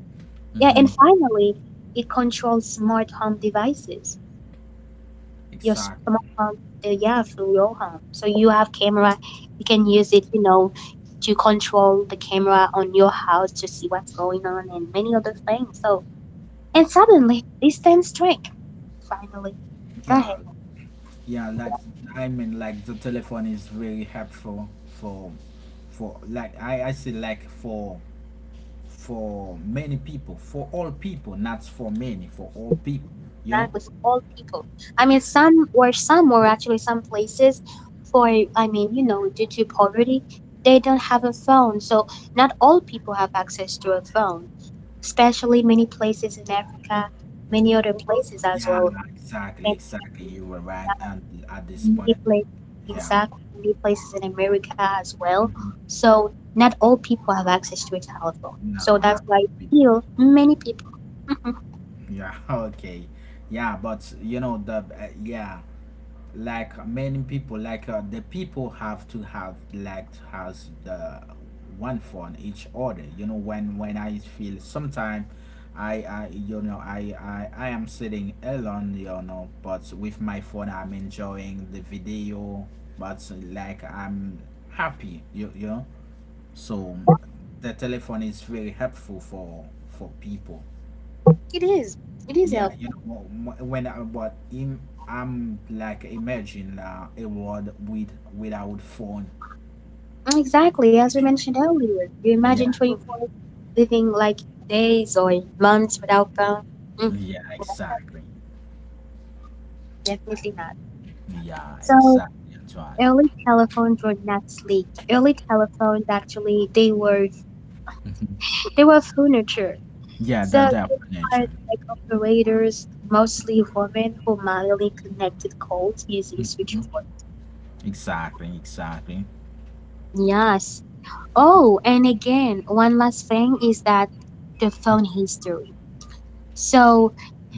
[SPEAKER 2] yeah, and
[SPEAKER 1] Mm-hmm.
[SPEAKER 2] finally, it controls smart home devices. Your
[SPEAKER 1] Exactly.
[SPEAKER 2] smartphone, uh, yeah, through your home, so you have camera. You can use it, you know to control the camera on your house to see what's going on, and many other things. So and suddenly this turns trick, finally. Go ahead,
[SPEAKER 1] Yeah. Yeah, like I mean, like the telephone is very helpful for, for like I I say like for for many people, for all people, not for many, for all people. You know?
[SPEAKER 2] right with all people. I mean, some or some or actually, some places, for, I mean, you know due to poverty, they don't have a phone. So not all people have access to a phone, especially many places in Africa, many
[SPEAKER 1] Hmm.
[SPEAKER 2] other places as
[SPEAKER 1] Yeah,
[SPEAKER 2] well.
[SPEAKER 1] exactly, exactly. You were right, and at this
[SPEAKER 2] Many
[SPEAKER 1] point,
[SPEAKER 2] places,
[SPEAKER 1] yeah.
[SPEAKER 2] exactly, many places in America as well.
[SPEAKER 1] Hmm.
[SPEAKER 2] So not all people have access to a telephone.
[SPEAKER 1] No,
[SPEAKER 2] So
[SPEAKER 1] not.
[SPEAKER 2] that's why still many people. Mhm.
[SPEAKER 1] Yeah. Okay. Yeah, but you know the, uh, yeah. Like many people like, uh, the people have to have like has the one for each other, you know. When when I feel sometimes, i i you know I, I i am sitting alone, you know but with my phone I'm enjoying the video, but like I'm happy you, you know so the telephone is very helpful for for people.
[SPEAKER 2] It is. It is
[SPEAKER 1] Yeah, you
[SPEAKER 2] helpful.
[SPEAKER 1] know, wh- when I, but in, I'm like imagine uh, a world with without phone.
[SPEAKER 2] Mm, exactly, as we mentioned earlier. You
[SPEAKER 1] Yeah,
[SPEAKER 2] imagine twenty-four living, like, days or months without phone? Mm,
[SPEAKER 1] yeah, exactly.
[SPEAKER 2] definitely not.
[SPEAKER 1] Yeah,
[SPEAKER 2] So
[SPEAKER 1] exactly, Antoine.
[SPEAKER 2] early telephones were not sleek. Early telephones actually they were they were furniture.
[SPEAKER 1] Yeah,
[SPEAKER 2] So
[SPEAKER 1] that
[SPEAKER 2] these are
[SPEAKER 1] definition.
[SPEAKER 2] like operators, mostly women who manually connected codes using switchboard.
[SPEAKER 1] Exactly, exactly.
[SPEAKER 2] Yes. Oh, and again, one last thing is that the phone history. So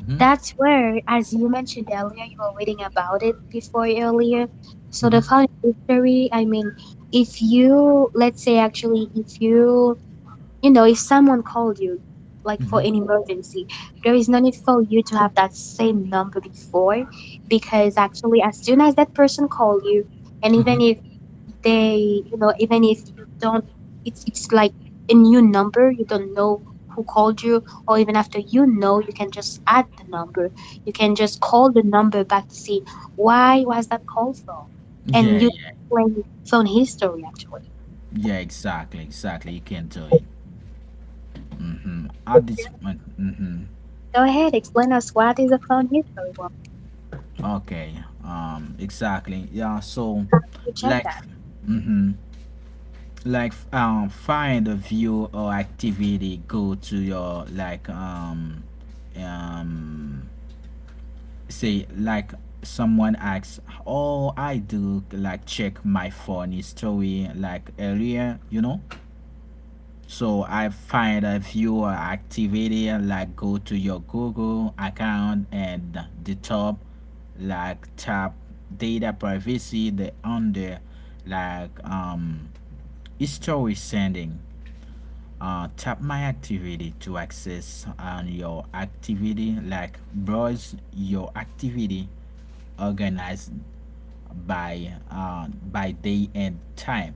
[SPEAKER 1] Mhm,
[SPEAKER 2] that's where, as you mentioned earlier, you were reading about it before earlier. So the
[SPEAKER 1] mhm,
[SPEAKER 2] phone history, I mean, if you, let's say actually, if you. You know, if someone called you, like for an
[SPEAKER 1] mhm,
[SPEAKER 2] emergency, there is no need for you to have that same number before, because actually, as soon as that person call you, and even if
[SPEAKER 1] mhm.
[SPEAKER 2] they, you know, even if you don't, it's it's like a new number. You don't know who called you, or even after you know, you can just add the number. You can just call the number back to see why was that call from, and
[SPEAKER 1] Yeah,
[SPEAKER 2] you
[SPEAKER 1] yeah,
[SPEAKER 2] explain phone history actually.
[SPEAKER 1] yeah, exactly, exactly. You can do it. Mm-hmm. At this moment, mm-hmm.
[SPEAKER 2] Go ahead, explain us what is a phone history.
[SPEAKER 1] Okay. Um, exactly. Yeah. So,
[SPEAKER 2] Reject
[SPEAKER 1] like,
[SPEAKER 2] that.
[SPEAKER 1] mm-hmm, like um find a view or activity, go to your like um um say like someone asks, oh I do like check my phone history like earlier, you know. So I find a view or activity, like go to your Google account and the top, like tap data privacy, the under like um history sending, uh, tap my activity to access on your activity, like browse your activity organized by uh, by day and time.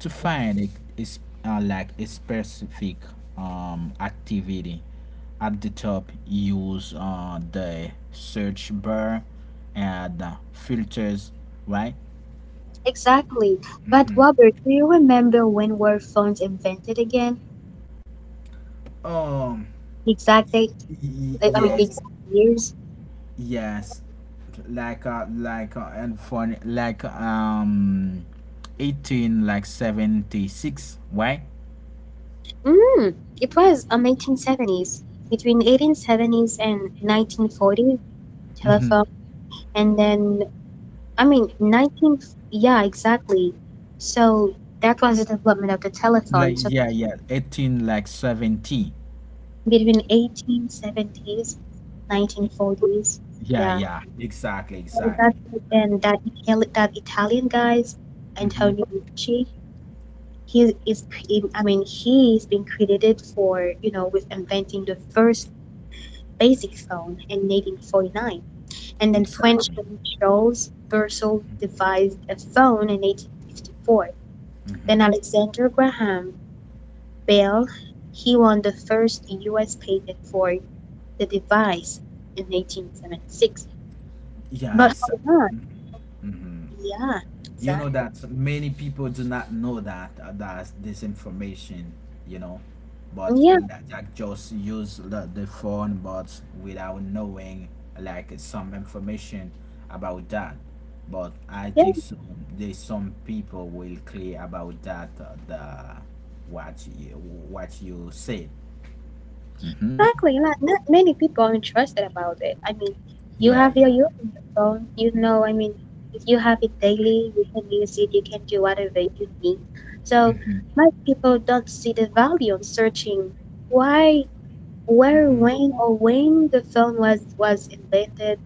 [SPEAKER 1] To find it is, uh, like a specific um, activity, at the top use uh, the search bar and uh, filters, right.
[SPEAKER 2] Exactly. But Robert, do you remember when were phones invented again?
[SPEAKER 1] um
[SPEAKER 2] The exact date,
[SPEAKER 1] y- y-
[SPEAKER 2] the- I mean, the
[SPEAKER 1] yes.
[SPEAKER 2] exact years?
[SPEAKER 1] Yes, like uh, like uh, and for like, um, eighteen like seventy six, right?
[SPEAKER 2] Mm, it was on nineteen seventies. Between eighteen seventies and nineteen forties,
[SPEAKER 1] Mm-hmm.
[SPEAKER 2] telephone. And then, I mean, 19, yeah, exactly. So that was the development of the
[SPEAKER 1] Like
[SPEAKER 2] telephone. So
[SPEAKER 1] yeah, yeah, eighteen like seventy.
[SPEAKER 2] between eighteen seventies, nineteen forties,
[SPEAKER 1] Yeah,
[SPEAKER 2] yeah.
[SPEAKER 1] yeah, exactly,
[SPEAKER 2] And that
[SPEAKER 1] exactly.
[SPEAKER 2] and that Itali- that Italian guys,
[SPEAKER 1] Mm-hmm.
[SPEAKER 2] Antonio Ricci, he is cre- I mean, he's been credited for, you know with inventing the first basic phone in eighteen forty-nine, and then
[SPEAKER 1] Exactly.
[SPEAKER 2] Frenchman Charles Versal devised a phone in eighteen fifty-four. Then Alexander Graham Bell, he won the first U S patent for the device in eighteen seventy-six.
[SPEAKER 1] Yeah,
[SPEAKER 2] But
[SPEAKER 1] exactly.
[SPEAKER 2] hold on, yeah,
[SPEAKER 1] You know
[SPEAKER 2] exactly,
[SPEAKER 1] that so many people do not know, that uh, that this information, you know but
[SPEAKER 2] yeah, yeah.
[SPEAKER 1] like like, just use the, the phone but without knowing, like, some information about that. But I think so there's some people will clear about that, uh, the what you what you said.
[SPEAKER 2] Exactly, not not many people are interested about it. I mean, you
[SPEAKER 1] Yeah,
[SPEAKER 2] have
[SPEAKER 1] yeah.
[SPEAKER 2] your youth on your phone, you know, I mean, if you have it daily, you can use it, you can do whatever you need. So
[SPEAKER 1] Mm-hmm.
[SPEAKER 2] most people don't see the value of searching why,
[SPEAKER 1] Mm-hmm.
[SPEAKER 2] where, when, or when the phone was was invented,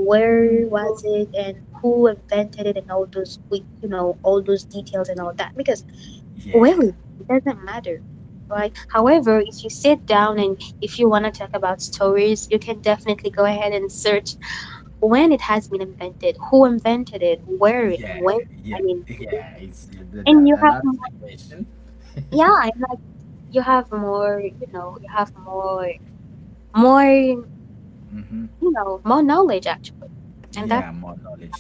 [SPEAKER 1] Hmm.
[SPEAKER 2] was it, and who invented it, and all those, we- you know, all those details and all that. Because,
[SPEAKER 1] Yeah,
[SPEAKER 2] well, it doesn't matter, right? However, if you sit down and if you want to talk about stories, you can definitely go ahead and search when it has been invented, who invented it, where and
[SPEAKER 1] yeah,
[SPEAKER 2] when.
[SPEAKER 1] yeah,
[SPEAKER 2] I mean,
[SPEAKER 1] yeah, it's that,
[SPEAKER 2] and
[SPEAKER 1] that,
[SPEAKER 2] you have
[SPEAKER 1] that's the
[SPEAKER 2] more,
[SPEAKER 1] question.
[SPEAKER 2] yeah, and like you have more, you know, you have more, more, you
[SPEAKER 1] Mm-hmm.
[SPEAKER 2] know, more knowledge actually. And
[SPEAKER 1] Yeah,
[SPEAKER 2] that
[SPEAKER 1] more knowledge.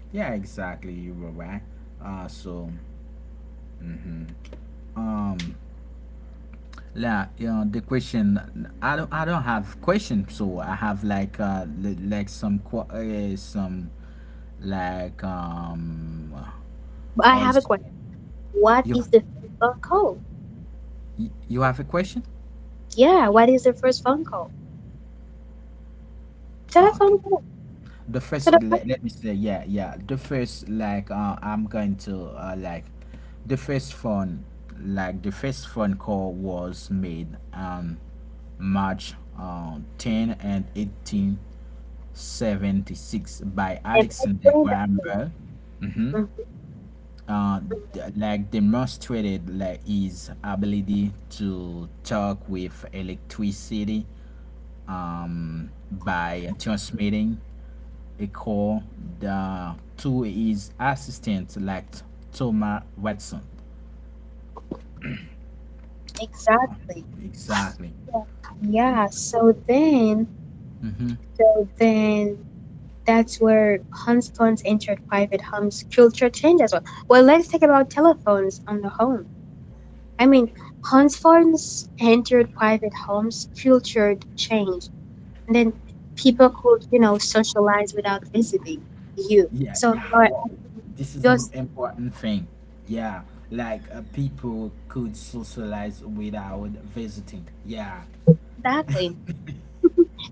[SPEAKER 1] Yeah, exactly. You were right. Uh, so, um, yeah, you know, the question. I don't. I don't have question. So I have like uh, li- like some qu- uh, some like um.
[SPEAKER 2] I
[SPEAKER 1] Or
[SPEAKER 2] have a
[SPEAKER 1] is,
[SPEAKER 2] question. What
[SPEAKER 1] you
[SPEAKER 2] is the first phone call?
[SPEAKER 1] you have a question?
[SPEAKER 2] Yeah, what is the first phone call?
[SPEAKER 1] Ah,
[SPEAKER 2] Telephone
[SPEAKER 1] okay.
[SPEAKER 2] call.
[SPEAKER 1] The
[SPEAKER 2] So
[SPEAKER 1] first,
[SPEAKER 2] the first,
[SPEAKER 1] let, let me say, yeah, yeah, the first, like, uh, I'm going to, uh, like, the first phone, like, the first phone call was made on March uh, tenth and eighteen seventy-six by
[SPEAKER 2] and that's
[SPEAKER 1] Alexander
[SPEAKER 2] when the-
[SPEAKER 1] Graham Bell,
[SPEAKER 2] Mhm,
[SPEAKER 1] uh, th- like demonstrated, like, his ability to talk with electricity, um, by transmitting a call the to his assistant, like Thomas Watson.
[SPEAKER 2] exactly.
[SPEAKER 1] Exactly.
[SPEAKER 2] Yeah, so then,
[SPEAKER 1] Mm-hmm.
[SPEAKER 2] so then that's where homes phones entered private homes culture change as well. Well, let's talk about telephones on the home. I mean, homes phones entered private homes culture change, and then people could, you know, socialize without visiting you.
[SPEAKER 1] Yeah,
[SPEAKER 2] So
[SPEAKER 1] yeah.
[SPEAKER 2] you're
[SPEAKER 1] What? This is an
[SPEAKER 2] just
[SPEAKER 1] important thing. Yeah, like, uh, people could socialize without visiting. Yeah.
[SPEAKER 2] exactly.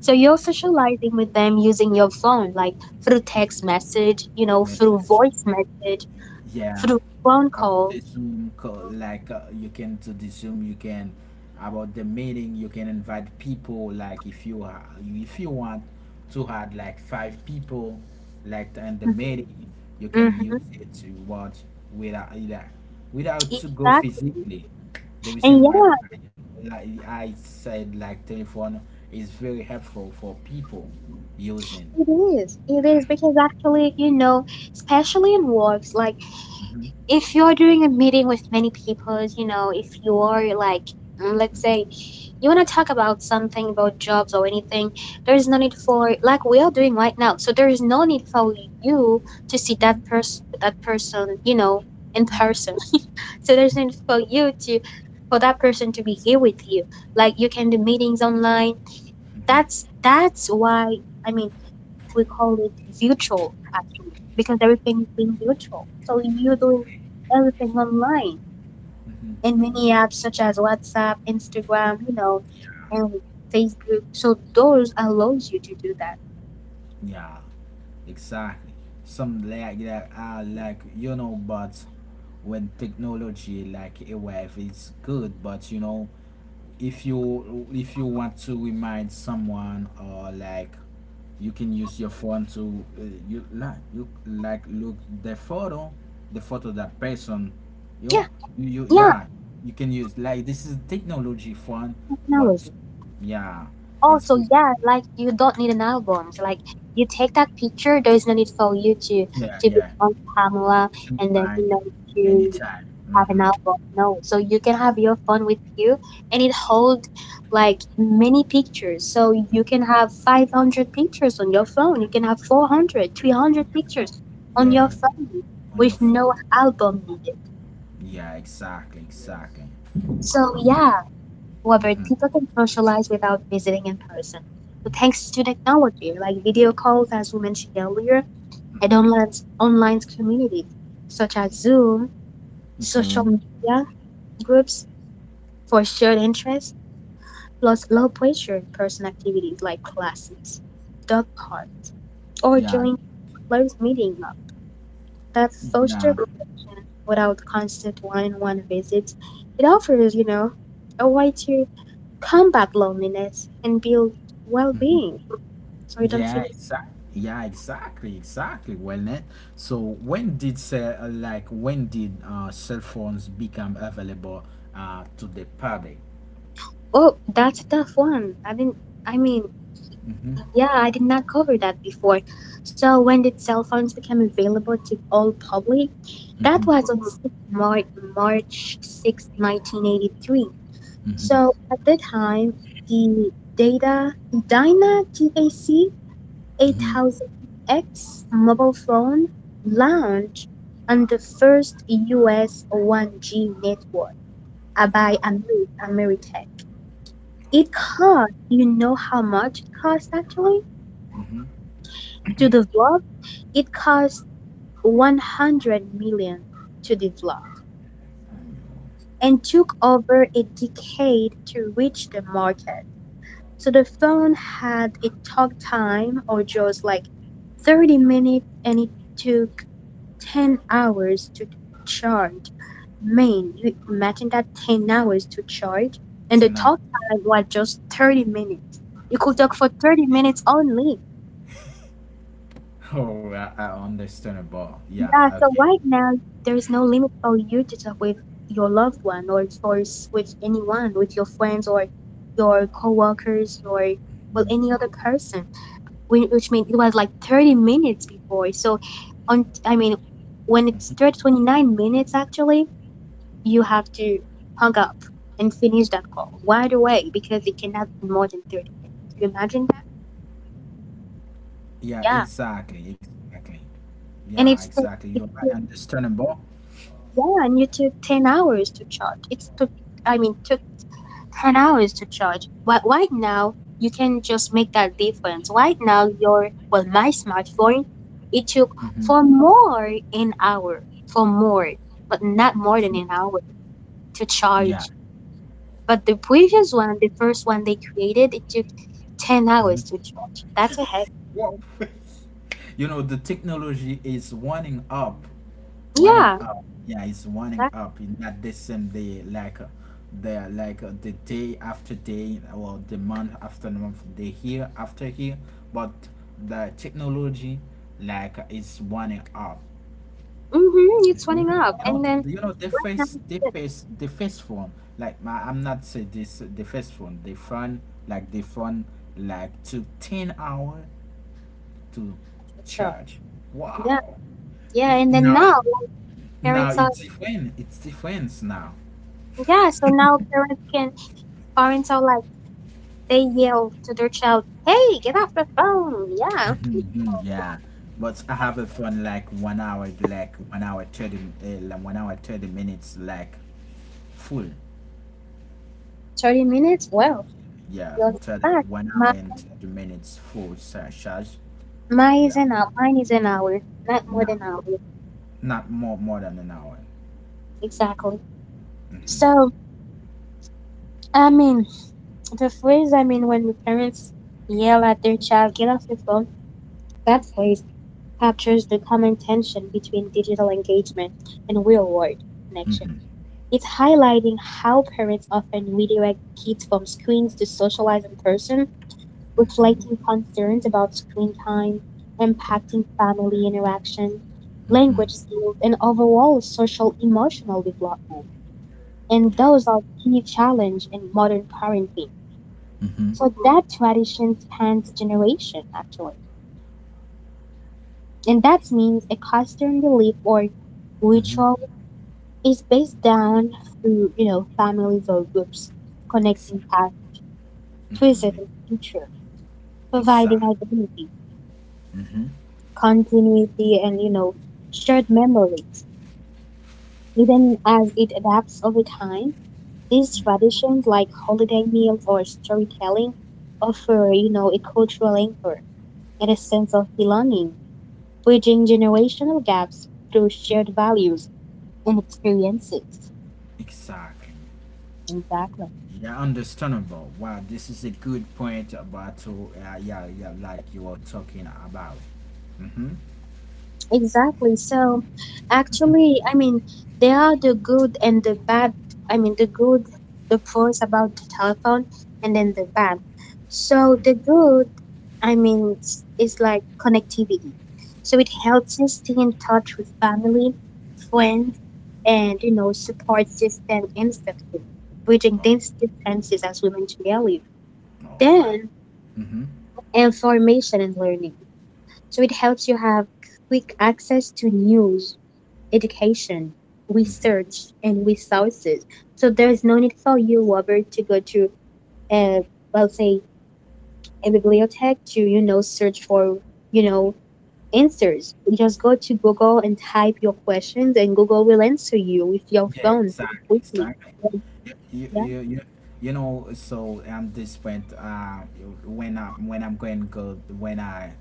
[SPEAKER 2] So you're socializing with them using your phone, like through text message, you know, through
[SPEAKER 1] Message.
[SPEAKER 2] voice message,
[SPEAKER 1] Yeah,
[SPEAKER 2] through phone
[SPEAKER 1] about
[SPEAKER 2] call.
[SPEAKER 1] the Zoom call, like, uh, you can do the Zoom, you can about the meeting, you can invite people. Like if you ha- if you want to have like five people, like in the meeting, you can use
[SPEAKER 2] Hmm.
[SPEAKER 1] it to watch without either, without to go
[SPEAKER 2] Exactly.
[SPEAKER 1] physically. The
[SPEAKER 2] And
[SPEAKER 1] reason why
[SPEAKER 2] yeah,
[SPEAKER 1] I, like I said, like telephone is very helpful for people using.
[SPEAKER 2] it is. It is because actually, you know, especially in works, like if you're doing a meeting with many people, you know, if you are like, mm, let's say, you want to talk about something about jobs or anything, there's no need for, like we are doing right now. So there is no need for you to see that person, that person, you know, in person. So there's no need for you to, for that person to be here with you. Like you can do meetings online. That's that's why. I mean, we call it virtual actually because everything is being virtual. So you're doing everything online in many apps such as WhatsApp, Instagram, you know, and Facebook. So those allows you to do that.
[SPEAKER 1] Yeah, exactly. Some like that are like you know, but when technology like a wave, it's good. But you know, if you if you want to remind someone, or like, you can use your phone to, uh, you like you like look the photo, the photo that person, you
[SPEAKER 2] Yeah,
[SPEAKER 1] know, you, you
[SPEAKER 2] yeah,
[SPEAKER 1] yeah, you can use like this is technology phone, but
[SPEAKER 2] technology.
[SPEAKER 1] yeah, it's
[SPEAKER 2] Also,
[SPEAKER 1] free.
[SPEAKER 2] yeah, like you don't need an album. So, like, you take that picture, there is no need for you to
[SPEAKER 1] Yeah,
[SPEAKER 2] to be
[SPEAKER 1] yeah,
[SPEAKER 2] on camera
[SPEAKER 1] to be
[SPEAKER 2] and then,
[SPEAKER 1] back
[SPEAKER 2] you know,
[SPEAKER 1] anytime.
[SPEAKER 2] have
[SPEAKER 1] Mm-hmm.
[SPEAKER 2] an
[SPEAKER 1] On
[SPEAKER 2] album. No, so you can have your phone with you, and it hold like many pictures. So you can have five hundred pictures on your phone. You can have four hundred, three hundred
[SPEAKER 1] your phone.
[SPEAKER 2] pictures on
[SPEAKER 1] Yeah,
[SPEAKER 2] your phone
[SPEAKER 1] on
[SPEAKER 2] with
[SPEAKER 1] your phone.
[SPEAKER 2] no album needed.
[SPEAKER 1] Yeah, exactly, exactly.
[SPEAKER 2] So yeah, Robert, people
[SPEAKER 1] Mm-hmm.
[SPEAKER 2] can socialize without visiting in person. So thanks to technology, like video calls, as we mentioned earlier, and online online communities such as Zoom, social
[SPEAKER 1] So,
[SPEAKER 2] media groups for shared interests, plus low pressure person activities like classes, dog park, or
[SPEAKER 1] yeah,
[SPEAKER 2] join closed meeting up, that
[SPEAKER 1] yeah,
[SPEAKER 2] foster connection without constant one-on-one visits. It offers, you know, a way to combat loneliness and build well-being, so you don't
[SPEAKER 1] yeah,
[SPEAKER 2] feel,
[SPEAKER 1] exactly. Yeah, exactly, exactly. Well, net. So, when did se- uh, like, when did, uh, cell phones become available, uh, to the public?
[SPEAKER 2] oh, that's a tough one. I didn't. I mean,
[SPEAKER 1] Mm-hmm.
[SPEAKER 2] yeah, I did not cover that before. So when did cell phones become available to all public? That was
[SPEAKER 1] Mm-hmm.
[SPEAKER 2] on 6 Mar- March sixth, nineteen 1983.
[SPEAKER 1] Mm-hmm.
[SPEAKER 2] So at that time, the Data Dyna TAC
[SPEAKER 1] Mm-hmm.
[SPEAKER 2] eight thousand X mobile phone launched on the first U S one G network, uh, by
[SPEAKER 1] Wow.
[SPEAKER 2] Ameri- Ameritech.
[SPEAKER 1] Oh,
[SPEAKER 2] It
[SPEAKER 1] wow.
[SPEAKER 2] cost, you know how much it cost actually?
[SPEAKER 1] Mm-hmm.
[SPEAKER 2] To develop. It cost 100 million to develop, and took over a decade to reach the market. So the phone had a talk time or just like thirty minutes, and it took ten hours to charge. Man, you imagine that, ten hours to charge, and the
[SPEAKER 1] Ten hours.
[SPEAKER 2] talk time was just thirty minutes. You could talk for thirty minutes only.
[SPEAKER 1] Oh, I, I understand.
[SPEAKER 2] Yeah,
[SPEAKER 1] Yeah.
[SPEAKER 2] so right now there's no limit for you to talk with your loved one, or or s- with anyone, with your friends or your coworkers, your, well,
[SPEAKER 1] Okay.
[SPEAKER 2] any other person. Whi- Which means it was like thirty minutes before. So, on, I mean, when it's thirty twenty nine minutes actually, you have to hung up and finish that call right away because it cannot be more than thirty minutes. Can you imagine that?
[SPEAKER 1] Yeah,
[SPEAKER 2] Yeah.
[SPEAKER 1] exactly, exactly.
[SPEAKER 2] And
[SPEAKER 1] Yeah,
[SPEAKER 2] it's, the,
[SPEAKER 1] exactly. You're
[SPEAKER 2] it's
[SPEAKER 1] right,
[SPEAKER 2] the,
[SPEAKER 1] understandable.
[SPEAKER 2] yeah, and you took ten hours to charge. It's took, I mean, took ten hours to charge. Why, right now, you can just make that difference. Right now, your, well, my smartphone, it took
[SPEAKER 1] Mm-hmm.
[SPEAKER 2] for more an hour, for more, but not more than an hour to
[SPEAKER 1] Yeah.
[SPEAKER 2] charge. But the previous one, the first one they created, it took ten hours
[SPEAKER 1] Hmm.
[SPEAKER 2] to charge. That's a head.
[SPEAKER 1] Whoa. You know, the technology is winding up, winding
[SPEAKER 2] Yeah,
[SPEAKER 1] up. Yeah, it's winding
[SPEAKER 2] that,
[SPEAKER 1] up. In Not the same day, like, uh, the like, uh, the day after day, or the month after month, the year after year. But the technology, like, uh, is winding up.
[SPEAKER 2] mm-hmm, it's running up.
[SPEAKER 1] You know,
[SPEAKER 2] And
[SPEAKER 1] th-
[SPEAKER 2] then,
[SPEAKER 1] you know the
[SPEAKER 2] now
[SPEAKER 1] first, the first, the first phone. Like my, I'm not say this. The first phone, the phone like the phone, like, took ten hour to
[SPEAKER 2] it's to charge.
[SPEAKER 1] charge.
[SPEAKER 2] Yeah,
[SPEAKER 1] Wow.
[SPEAKER 2] yeah,
[SPEAKER 1] N-
[SPEAKER 2] and then
[SPEAKER 1] Now,
[SPEAKER 2] now
[SPEAKER 1] now
[SPEAKER 2] parents are,
[SPEAKER 1] it's different. It's different now.
[SPEAKER 2] yeah, so now parents can, parents are like, they yell to their child, "Hey, get off the phone!" Yeah,
[SPEAKER 1] Mhm, yeah, but I have a phone like one hour, like one hour thirty, uh, like one hour thirty minutes, like full.
[SPEAKER 2] thirty minutes? Well,
[SPEAKER 1] Yeah,
[SPEAKER 2] you'll get
[SPEAKER 1] Thirty
[SPEAKER 2] back.
[SPEAKER 1] one hour
[SPEAKER 2] My,
[SPEAKER 1] and thirty minutes full sa- charge.
[SPEAKER 2] my
[SPEAKER 1] Yeah,
[SPEAKER 2] is an hour, mine is an hour, not more than
[SPEAKER 1] not
[SPEAKER 2] an hour.
[SPEAKER 1] not more more than an hour.
[SPEAKER 2] Exactly. So, I mean, the phrase, I mean, when the parents yell at their child, get off the phone, that phrase captures the common tension between digital engagement and real world connection. It's highlighting how parents often redirect kids from screens to socialize in person, reflecting concerns about screen time, impacting family interaction,
[SPEAKER 1] Mhm.
[SPEAKER 2] language skills, and overall social emotional development. And
[SPEAKER 1] Yeah.
[SPEAKER 2] those are key challenge in modern parenting.
[SPEAKER 1] Mhm.
[SPEAKER 2] So that tradition spans generation actually. And that means a custom belief or
[SPEAKER 1] Mhm.
[SPEAKER 2] ritual is based down through, you know, families or groups, connecting
[SPEAKER 1] Exactly.
[SPEAKER 2] past, present,
[SPEAKER 1] Hmm.
[SPEAKER 2] and future, providing
[SPEAKER 1] Exactly.
[SPEAKER 2] identity
[SPEAKER 1] Mhm.
[SPEAKER 2] continuity, and, you know, shared memories. Even as it adapts over time, these traditions like holiday meals or storytelling offer, you know, a cultural anchor and a sense of belonging, bridging generational gaps through shared values and experiences.
[SPEAKER 1] Exactly.
[SPEAKER 2] Exactly.
[SPEAKER 1] Yeah, understandable. Wow, this is a good point about to, uh, yeah, yeah, like you were talking about. Mm-hmm.
[SPEAKER 2] Exactly. So actually, I mean, there are the good and the bad. I mean, the good, the pros about the telephone, and then the bad. So the good, I mean, it's, it's like connectivity. So it helps you stay in touch with family, friends, and, you know, support system instantly, bridging
[SPEAKER 1] Oh,
[SPEAKER 2] these distances as we mentioned earlier.
[SPEAKER 1] all right.
[SPEAKER 2] Then
[SPEAKER 1] Mm-hmm.
[SPEAKER 2] information and learning. So it helps you have quick access to news, education, research, and resources. So there is no need for you, Robert, to go to a, well, say, a bibliothèque to, you know, search for, you know, answers. You just go to Google and type your questions, and Google will answer you with your
[SPEAKER 1] Yeah,
[SPEAKER 2] phone
[SPEAKER 1] exactly,
[SPEAKER 2] quickly.
[SPEAKER 1] exactly. You you
[SPEAKER 2] Yeah.
[SPEAKER 1] you, you, you know, so, um this point, uh when I when I'm going go when I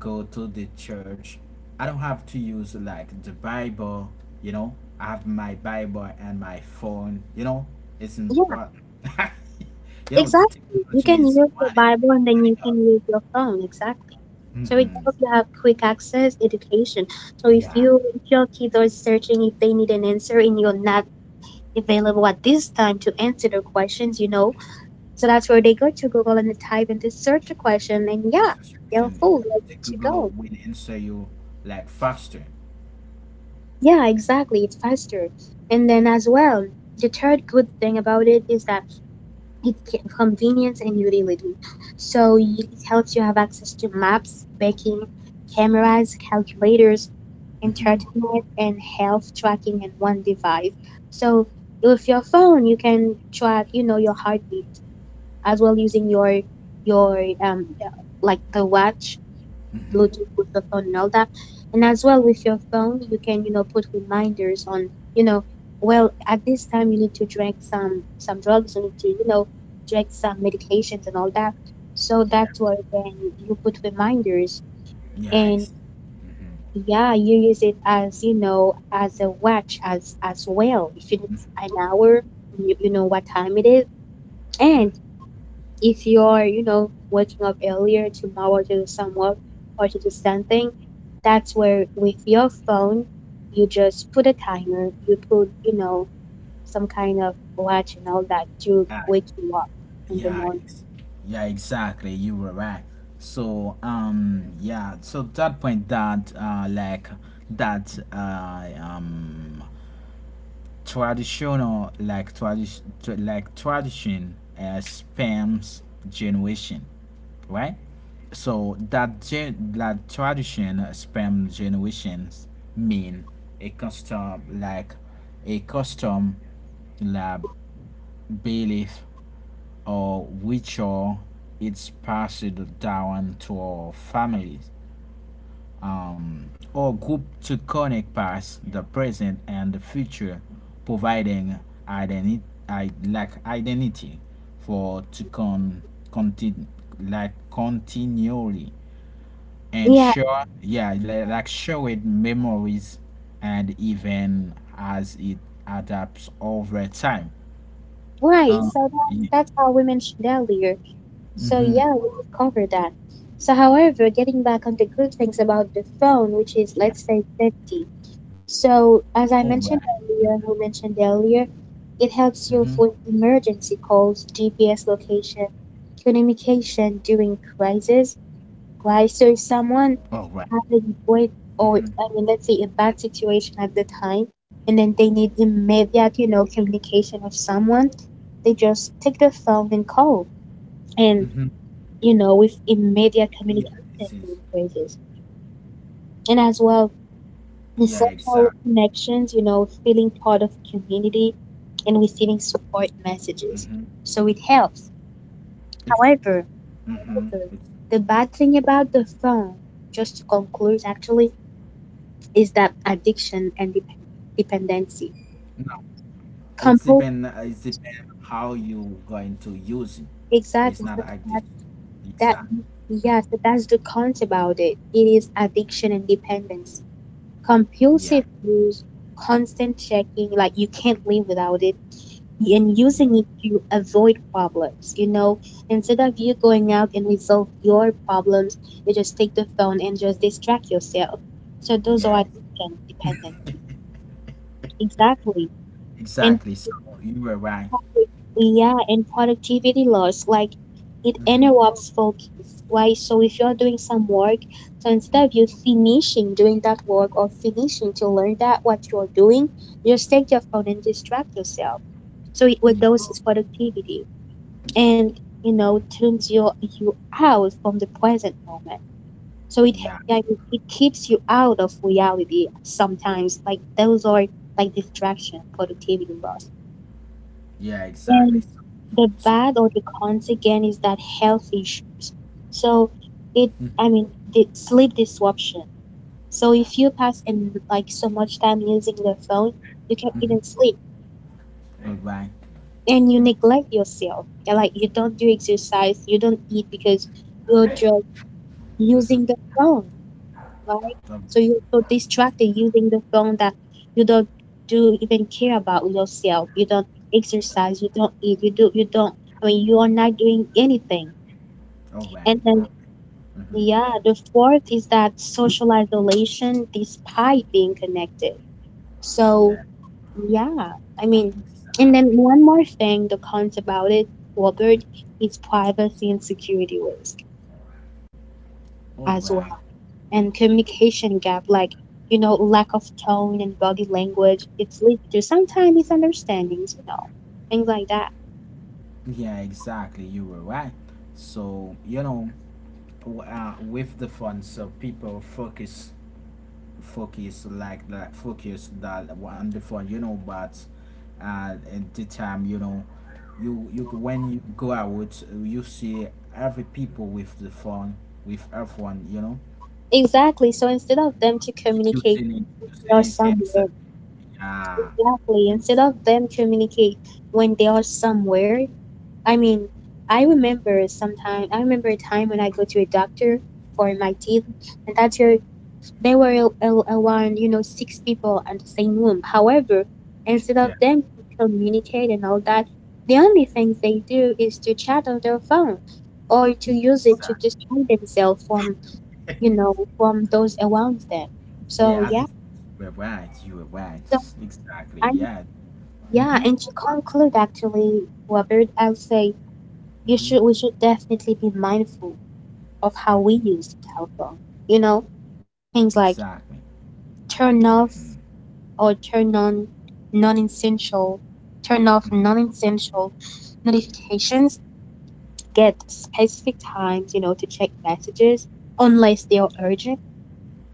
[SPEAKER 1] go to the church. I don't have to use like the Bible, you know. I have my Bible and my phone, you know. It's important. You know, the
[SPEAKER 2] Exactly. You
[SPEAKER 1] technology
[SPEAKER 2] can
[SPEAKER 1] is
[SPEAKER 2] use your
[SPEAKER 1] money.
[SPEAKER 2] Bible and then you can use your phone. Exactly. So it helps
[SPEAKER 1] Hmm.
[SPEAKER 2] you have quick access education. So if
[SPEAKER 1] Yeah,
[SPEAKER 2] you if your kids are searching, if they need an answer and you're not available at this time to answer their questions, you know. So that's where they go to Google and they type in the search a question and yeah,
[SPEAKER 1] that's your
[SPEAKER 2] they're
[SPEAKER 1] question.
[SPEAKER 2] full,
[SPEAKER 1] Yeah.
[SPEAKER 2] they're
[SPEAKER 1] The
[SPEAKER 2] good to
[SPEAKER 1] Google
[SPEAKER 2] go.
[SPEAKER 1] will answer you like faster.
[SPEAKER 2] Yeah, exactly. It's faster. And then as well, the third good thing about it is that it's convenience and utility. So it helps you have access to maps, baking, cameras, calculators,
[SPEAKER 1] Hmm.
[SPEAKER 2] entertainment, and health tracking in one device. So with your phone, you can track, you know, your heartbeat as well, using your your um like the watch
[SPEAKER 1] Hmm.
[SPEAKER 2] Bluetooth with the phone and all that. And as well with your phone, you can, you know, put reminders on, you know, well, at this time you need to drink some some drugs, you need to, you know, drink some medications and all that. So
[SPEAKER 1] Yeah,
[SPEAKER 2] that's where then you put reminders
[SPEAKER 1] yeah,
[SPEAKER 2] and
[SPEAKER 1] exactly. Mm-hmm.
[SPEAKER 2] yeah, you use it as, you know, as a watch as as well. If you need an hour, you, you know what time it is. And
[SPEAKER 1] Mm.
[SPEAKER 2] if you're, you know, waking up earlier tomorrow to do some work or to do something, that's where with your phone, you just put a timer, you put, you know, some kind of watch and all that to
[SPEAKER 1] Ah,
[SPEAKER 2] wake you up in the
[SPEAKER 1] yeah,
[SPEAKER 2] morning.
[SPEAKER 1] ex- yeah, exactly. You were right. So, um, yeah. So that point that, uh, like that, uh, um, traditional, like tradition, like tradition, uh, spams generation, right? So that gen- that tradition, uh, spam generations mean a custom, like a custom, like belief or which or it's passed down to our families, um, or group to connect past, the present, and the future, providing identi- I, like identity for to con- continue, like continually, and
[SPEAKER 2] Yeah,
[SPEAKER 1] sure, yeah, li- like show it memories and even as it adapts over time,
[SPEAKER 2] right.
[SPEAKER 1] um,
[SPEAKER 2] So that's
[SPEAKER 1] yeah.
[SPEAKER 2] that's how we mentioned earlier. So
[SPEAKER 1] Hmm.
[SPEAKER 2] yeah, we could cover that. So however, getting back on the good things about the phone, which is
[SPEAKER 1] Yeah.
[SPEAKER 2] let's say safety. So,
[SPEAKER 1] All
[SPEAKER 2] as I
[SPEAKER 1] right.
[SPEAKER 2] mentioned earlier, and you mentioned earlier, it helps you
[SPEAKER 1] Mm-hmm.
[SPEAKER 2] avoid emergency calls, G P S location, communication during crisis, right? So, if
[SPEAKER 1] Oh,
[SPEAKER 2] someone
[SPEAKER 1] right.
[SPEAKER 2] having with,
[SPEAKER 1] Mm-hmm.
[SPEAKER 2] or I mean, let's say a bad situation at the time, and then they need immediate, you know, communication with someone, they just take the phone and call,
[SPEAKER 1] Mm-hmm.
[SPEAKER 2] and, you know, with
[SPEAKER 1] Yeah,
[SPEAKER 2] immediate
[SPEAKER 1] it is.
[SPEAKER 2] communication during crisis, and as well
[SPEAKER 1] Yeah,
[SPEAKER 2] the
[SPEAKER 1] exactly.
[SPEAKER 2] social connections, you know, feeling part of community and receiving support
[SPEAKER 1] Mm-hmm.
[SPEAKER 2] messages. So it helps.
[SPEAKER 1] It's,
[SPEAKER 2] However,
[SPEAKER 1] mm-hmm. It's,
[SPEAKER 2] however, the bad thing about the phone, just to conclude actually, is that addiction and dep- dependency.
[SPEAKER 1] no, it's depend,
[SPEAKER 2] Compose,
[SPEAKER 1] it's depend how you going to use it. It's not
[SPEAKER 2] exactly, so
[SPEAKER 1] active.
[SPEAKER 2] that,
[SPEAKER 1] Exactly.
[SPEAKER 2] that
[SPEAKER 1] Mm.
[SPEAKER 2] yeah, so that's the cons about it. It is addiction and dependency.
[SPEAKER 1] Yeah,
[SPEAKER 2] Compulsive use, constant checking, like you can't live without it and
[SPEAKER 1] yeah,
[SPEAKER 2] using it to avoid problems. You know, instead of you going out and resolve your problems, you just take the phone and just distract yourself. So those are
[SPEAKER 1] yeah,
[SPEAKER 2] attention dependent. Exactly. And
[SPEAKER 1] exactly. So you were right.
[SPEAKER 2] yeah, and productivity loss, like it
[SPEAKER 1] Mm-hmm.
[SPEAKER 2] interrupts focus, right? So if you're doing some work, so instead of you finishing doing that work or finishing to learn that what you're doing, you just take your phone and distract yourself. So it
[SPEAKER 1] Yeah,
[SPEAKER 2] reduces productivity, and, you know, tunes you you out from the present moment. So it he-
[SPEAKER 1] yeah,
[SPEAKER 2] yeah, it it keeps you out of reality sometimes, like those are like distraction, productivity loss.
[SPEAKER 1] yeah,
[SPEAKER 2] And
[SPEAKER 1] exactly. So,
[SPEAKER 2] the
[SPEAKER 1] so
[SPEAKER 2] bad or the cons again is that health issues. So it, I mean, the sleep disruption. So if you pass and like so much time using the phone, you can't even
[SPEAKER 1] mm-hmm.
[SPEAKER 2] sleep,
[SPEAKER 1] All right.
[SPEAKER 2] and you neglect yourself. Yeah, like you don't do exercise, you don't eat, because you're just
[SPEAKER 1] Mm-hmm.
[SPEAKER 2] using the phone,
[SPEAKER 1] All
[SPEAKER 2] right?
[SPEAKER 1] right.
[SPEAKER 2] So you're so distracted using the phone that you don't do even care about yourself. You don't exercise. You don't eat. You do. You don't. I mean, you are not doing anything.
[SPEAKER 1] All
[SPEAKER 2] And
[SPEAKER 1] right.
[SPEAKER 2] then,
[SPEAKER 1] All right.
[SPEAKER 2] yeah,
[SPEAKER 1] Mm-hmm.
[SPEAKER 2] the fourth is that social isolation despite being connected. So
[SPEAKER 1] Yeah,
[SPEAKER 2] yeah, I mean, and then
[SPEAKER 1] exactly.
[SPEAKER 2] one more thing that comes about it, Robert, is privacy and security risk
[SPEAKER 1] All
[SPEAKER 2] as
[SPEAKER 1] right.
[SPEAKER 2] well, and communication gap, like, you know, lack of tone and body language. It's leads to sometimes misunderstandings, you know, things like that.
[SPEAKER 1] Yeah, exactly. You were right. So you know, w- uh, with the phone, so people focus, focus like that, focus that on the phone. You know, but, uh, at the time, you know, you you when you go out, you see every people with the phone, with everyone, you know,
[SPEAKER 2] Exactly. So instead of them to
[SPEAKER 1] using
[SPEAKER 2] communicate,
[SPEAKER 1] it, using
[SPEAKER 2] they
[SPEAKER 1] it
[SPEAKER 2] are
[SPEAKER 1] handset.
[SPEAKER 2] somewhere,
[SPEAKER 1] Yeah,
[SPEAKER 2] exactly,
[SPEAKER 1] use.
[SPEAKER 2] instead of them communicate when they are somewhere, I mean, I remember sometime, I remember a time when I go to a doctor for my teeth, and that's your they were a- a- around, you know, six people in the same room. However, instead of
[SPEAKER 1] Yeah,
[SPEAKER 2] them communicate and all that, the only thing they do is to chat on their phone or to use it to
[SPEAKER 1] exactly.
[SPEAKER 2] distract themselves from, you know, from those around them. So
[SPEAKER 1] Yeah, I
[SPEAKER 2] yeah,
[SPEAKER 1] think you were right. You were right.
[SPEAKER 2] so
[SPEAKER 1] Exactly.
[SPEAKER 2] I,
[SPEAKER 1] Yeah.
[SPEAKER 2] yeah,
[SPEAKER 1] Mm-hmm.
[SPEAKER 2] and to conclude actually, Robert, I'll say you
[SPEAKER 1] Mm-hmm.
[SPEAKER 2] should we should definitely be mindful of how we
[SPEAKER 1] Hmm.
[SPEAKER 2] use the telephone. You know, things like
[SPEAKER 1] Exactly.
[SPEAKER 2] turn
[SPEAKER 1] Mm-hmm.
[SPEAKER 2] off or turn on non-essential, turn off non-essential notifications, get specific times, you know, to check messages unless they are urgent,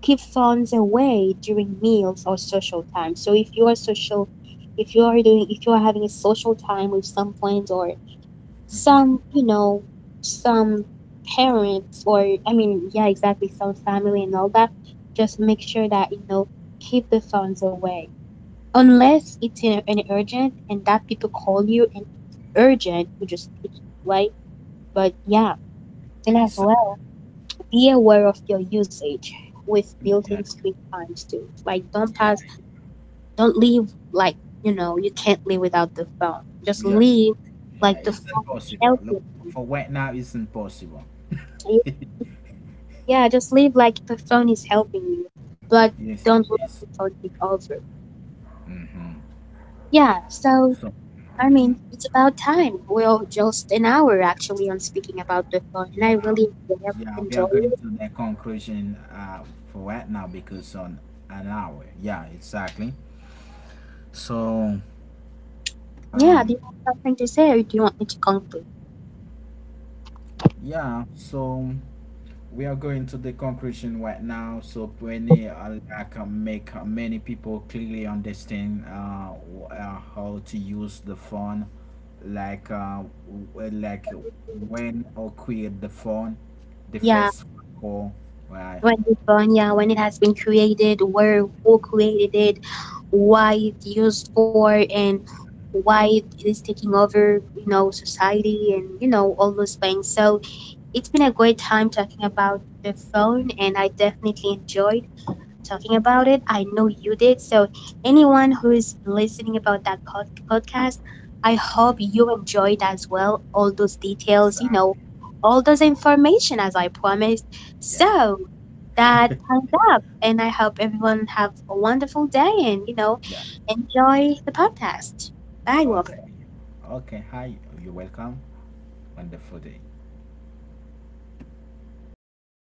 [SPEAKER 2] keep phones away during meals or social time. So if you are social, if you are doing, if you are having a social time with some friends or
[SPEAKER 1] Mm-hmm.
[SPEAKER 2] some, you know, some parents, or I mean, yeah, exactly, some family and all that, just make sure that, you know, keep the phones away. Unless it's in an urgent and that people call you and it's urgent, you just pick it, right? But yeah, and as
[SPEAKER 1] Exactly.
[SPEAKER 2] well, be aware of your usage with built-in
[SPEAKER 1] Yeah.
[SPEAKER 2] screen times too. Like don't
[SPEAKER 1] Yeah.
[SPEAKER 2] pass, don't leave like, you know, you can't live without the phone. Just
[SPEAKER 1] Yeah.
[SPEAKER 2] leave like
[SPEAKER 1] Yeah.
[SPEAKER 2] the
[SPEAKER 1] It's
[SPEAKER 2] phone is
[SPEAKER 1] impossible.
[SPEAKER 2] helping
[SPEAKER 1] Look, for right now, it's impossible.
[SPEAKER 2] you. Yeah, just leave like the phone is helping you, but
[SPEAKER 1] Yes, it
[SPEAKER 2] don't let
[SPEAKER 1] is.
[SPEAKER 2] the phone take over.
[SPEAKER 1] Mm-hmm.
[SPEAKER 2] Yeah, so
[SPEAKER 1] So,
[SPEAKER 2] I
[SPEAKER 1] hmm.
[SPEAKER 2] mean, it's about time. We're just an hour actually on speaking about the phone, and I
[SPEAKER 1] Yeah,
[SPEAKER 2] really, really
[SPEAKER 1] yeah,
[SPEAKER 2] enjoy
[SPEAKER 1] we are
[SPEAKER 2] it.
[SPEAKER 1] going to the conclusion, uh, for right now because on an hour. Yeah, exactly. So,
[SPEAKER 2] Yeah, do you
[SPEAKER 1] um,
[SPEAKER 2] have something to say, or do you want me to conclude?
[SPEAKER 1] yeah. So We are going to the conclusion right now, so Penny, uh, I can make, uh, many people clearly understand, uh, w- uh, how to use the phone, like, uh, w- uh, like, when or create the phone, the
[SPEAKER 2] Yeah,
[SPEAKER 1] first call, right?
[SPEAKER 2] when the phone, yeah, when it has been created, where, who created it, why it's used for, and why it is taking over, you know, society, and you know, all those things. So it's been a great time talking about the phone, and I definitely enjoyed talking about it. I know you did. So, anyone who is listening about that pod- podcast, I hope
[SPEAKER 1] Hmm.
[SPEAKER 2] you enjoyed as well all those details, you know,
[SPEAKER 1] Exactly.
[SPEAKER 2] all those
[SPEAKER 1] Hmm.
[SPEAKER 2] information as I promised.
[SPEAKER 1] Yeah.
[SPEAKER 2] So, that time's up. And I hope everyone have a wonderful day and, you know,
[SPEAKER 1] Yeah.
[SPEAKER 2] enjoy the podcast. Bye, Robert.
[SPEAKER 1] Okay. Okay. Hi. You're welcome. Wonderful day.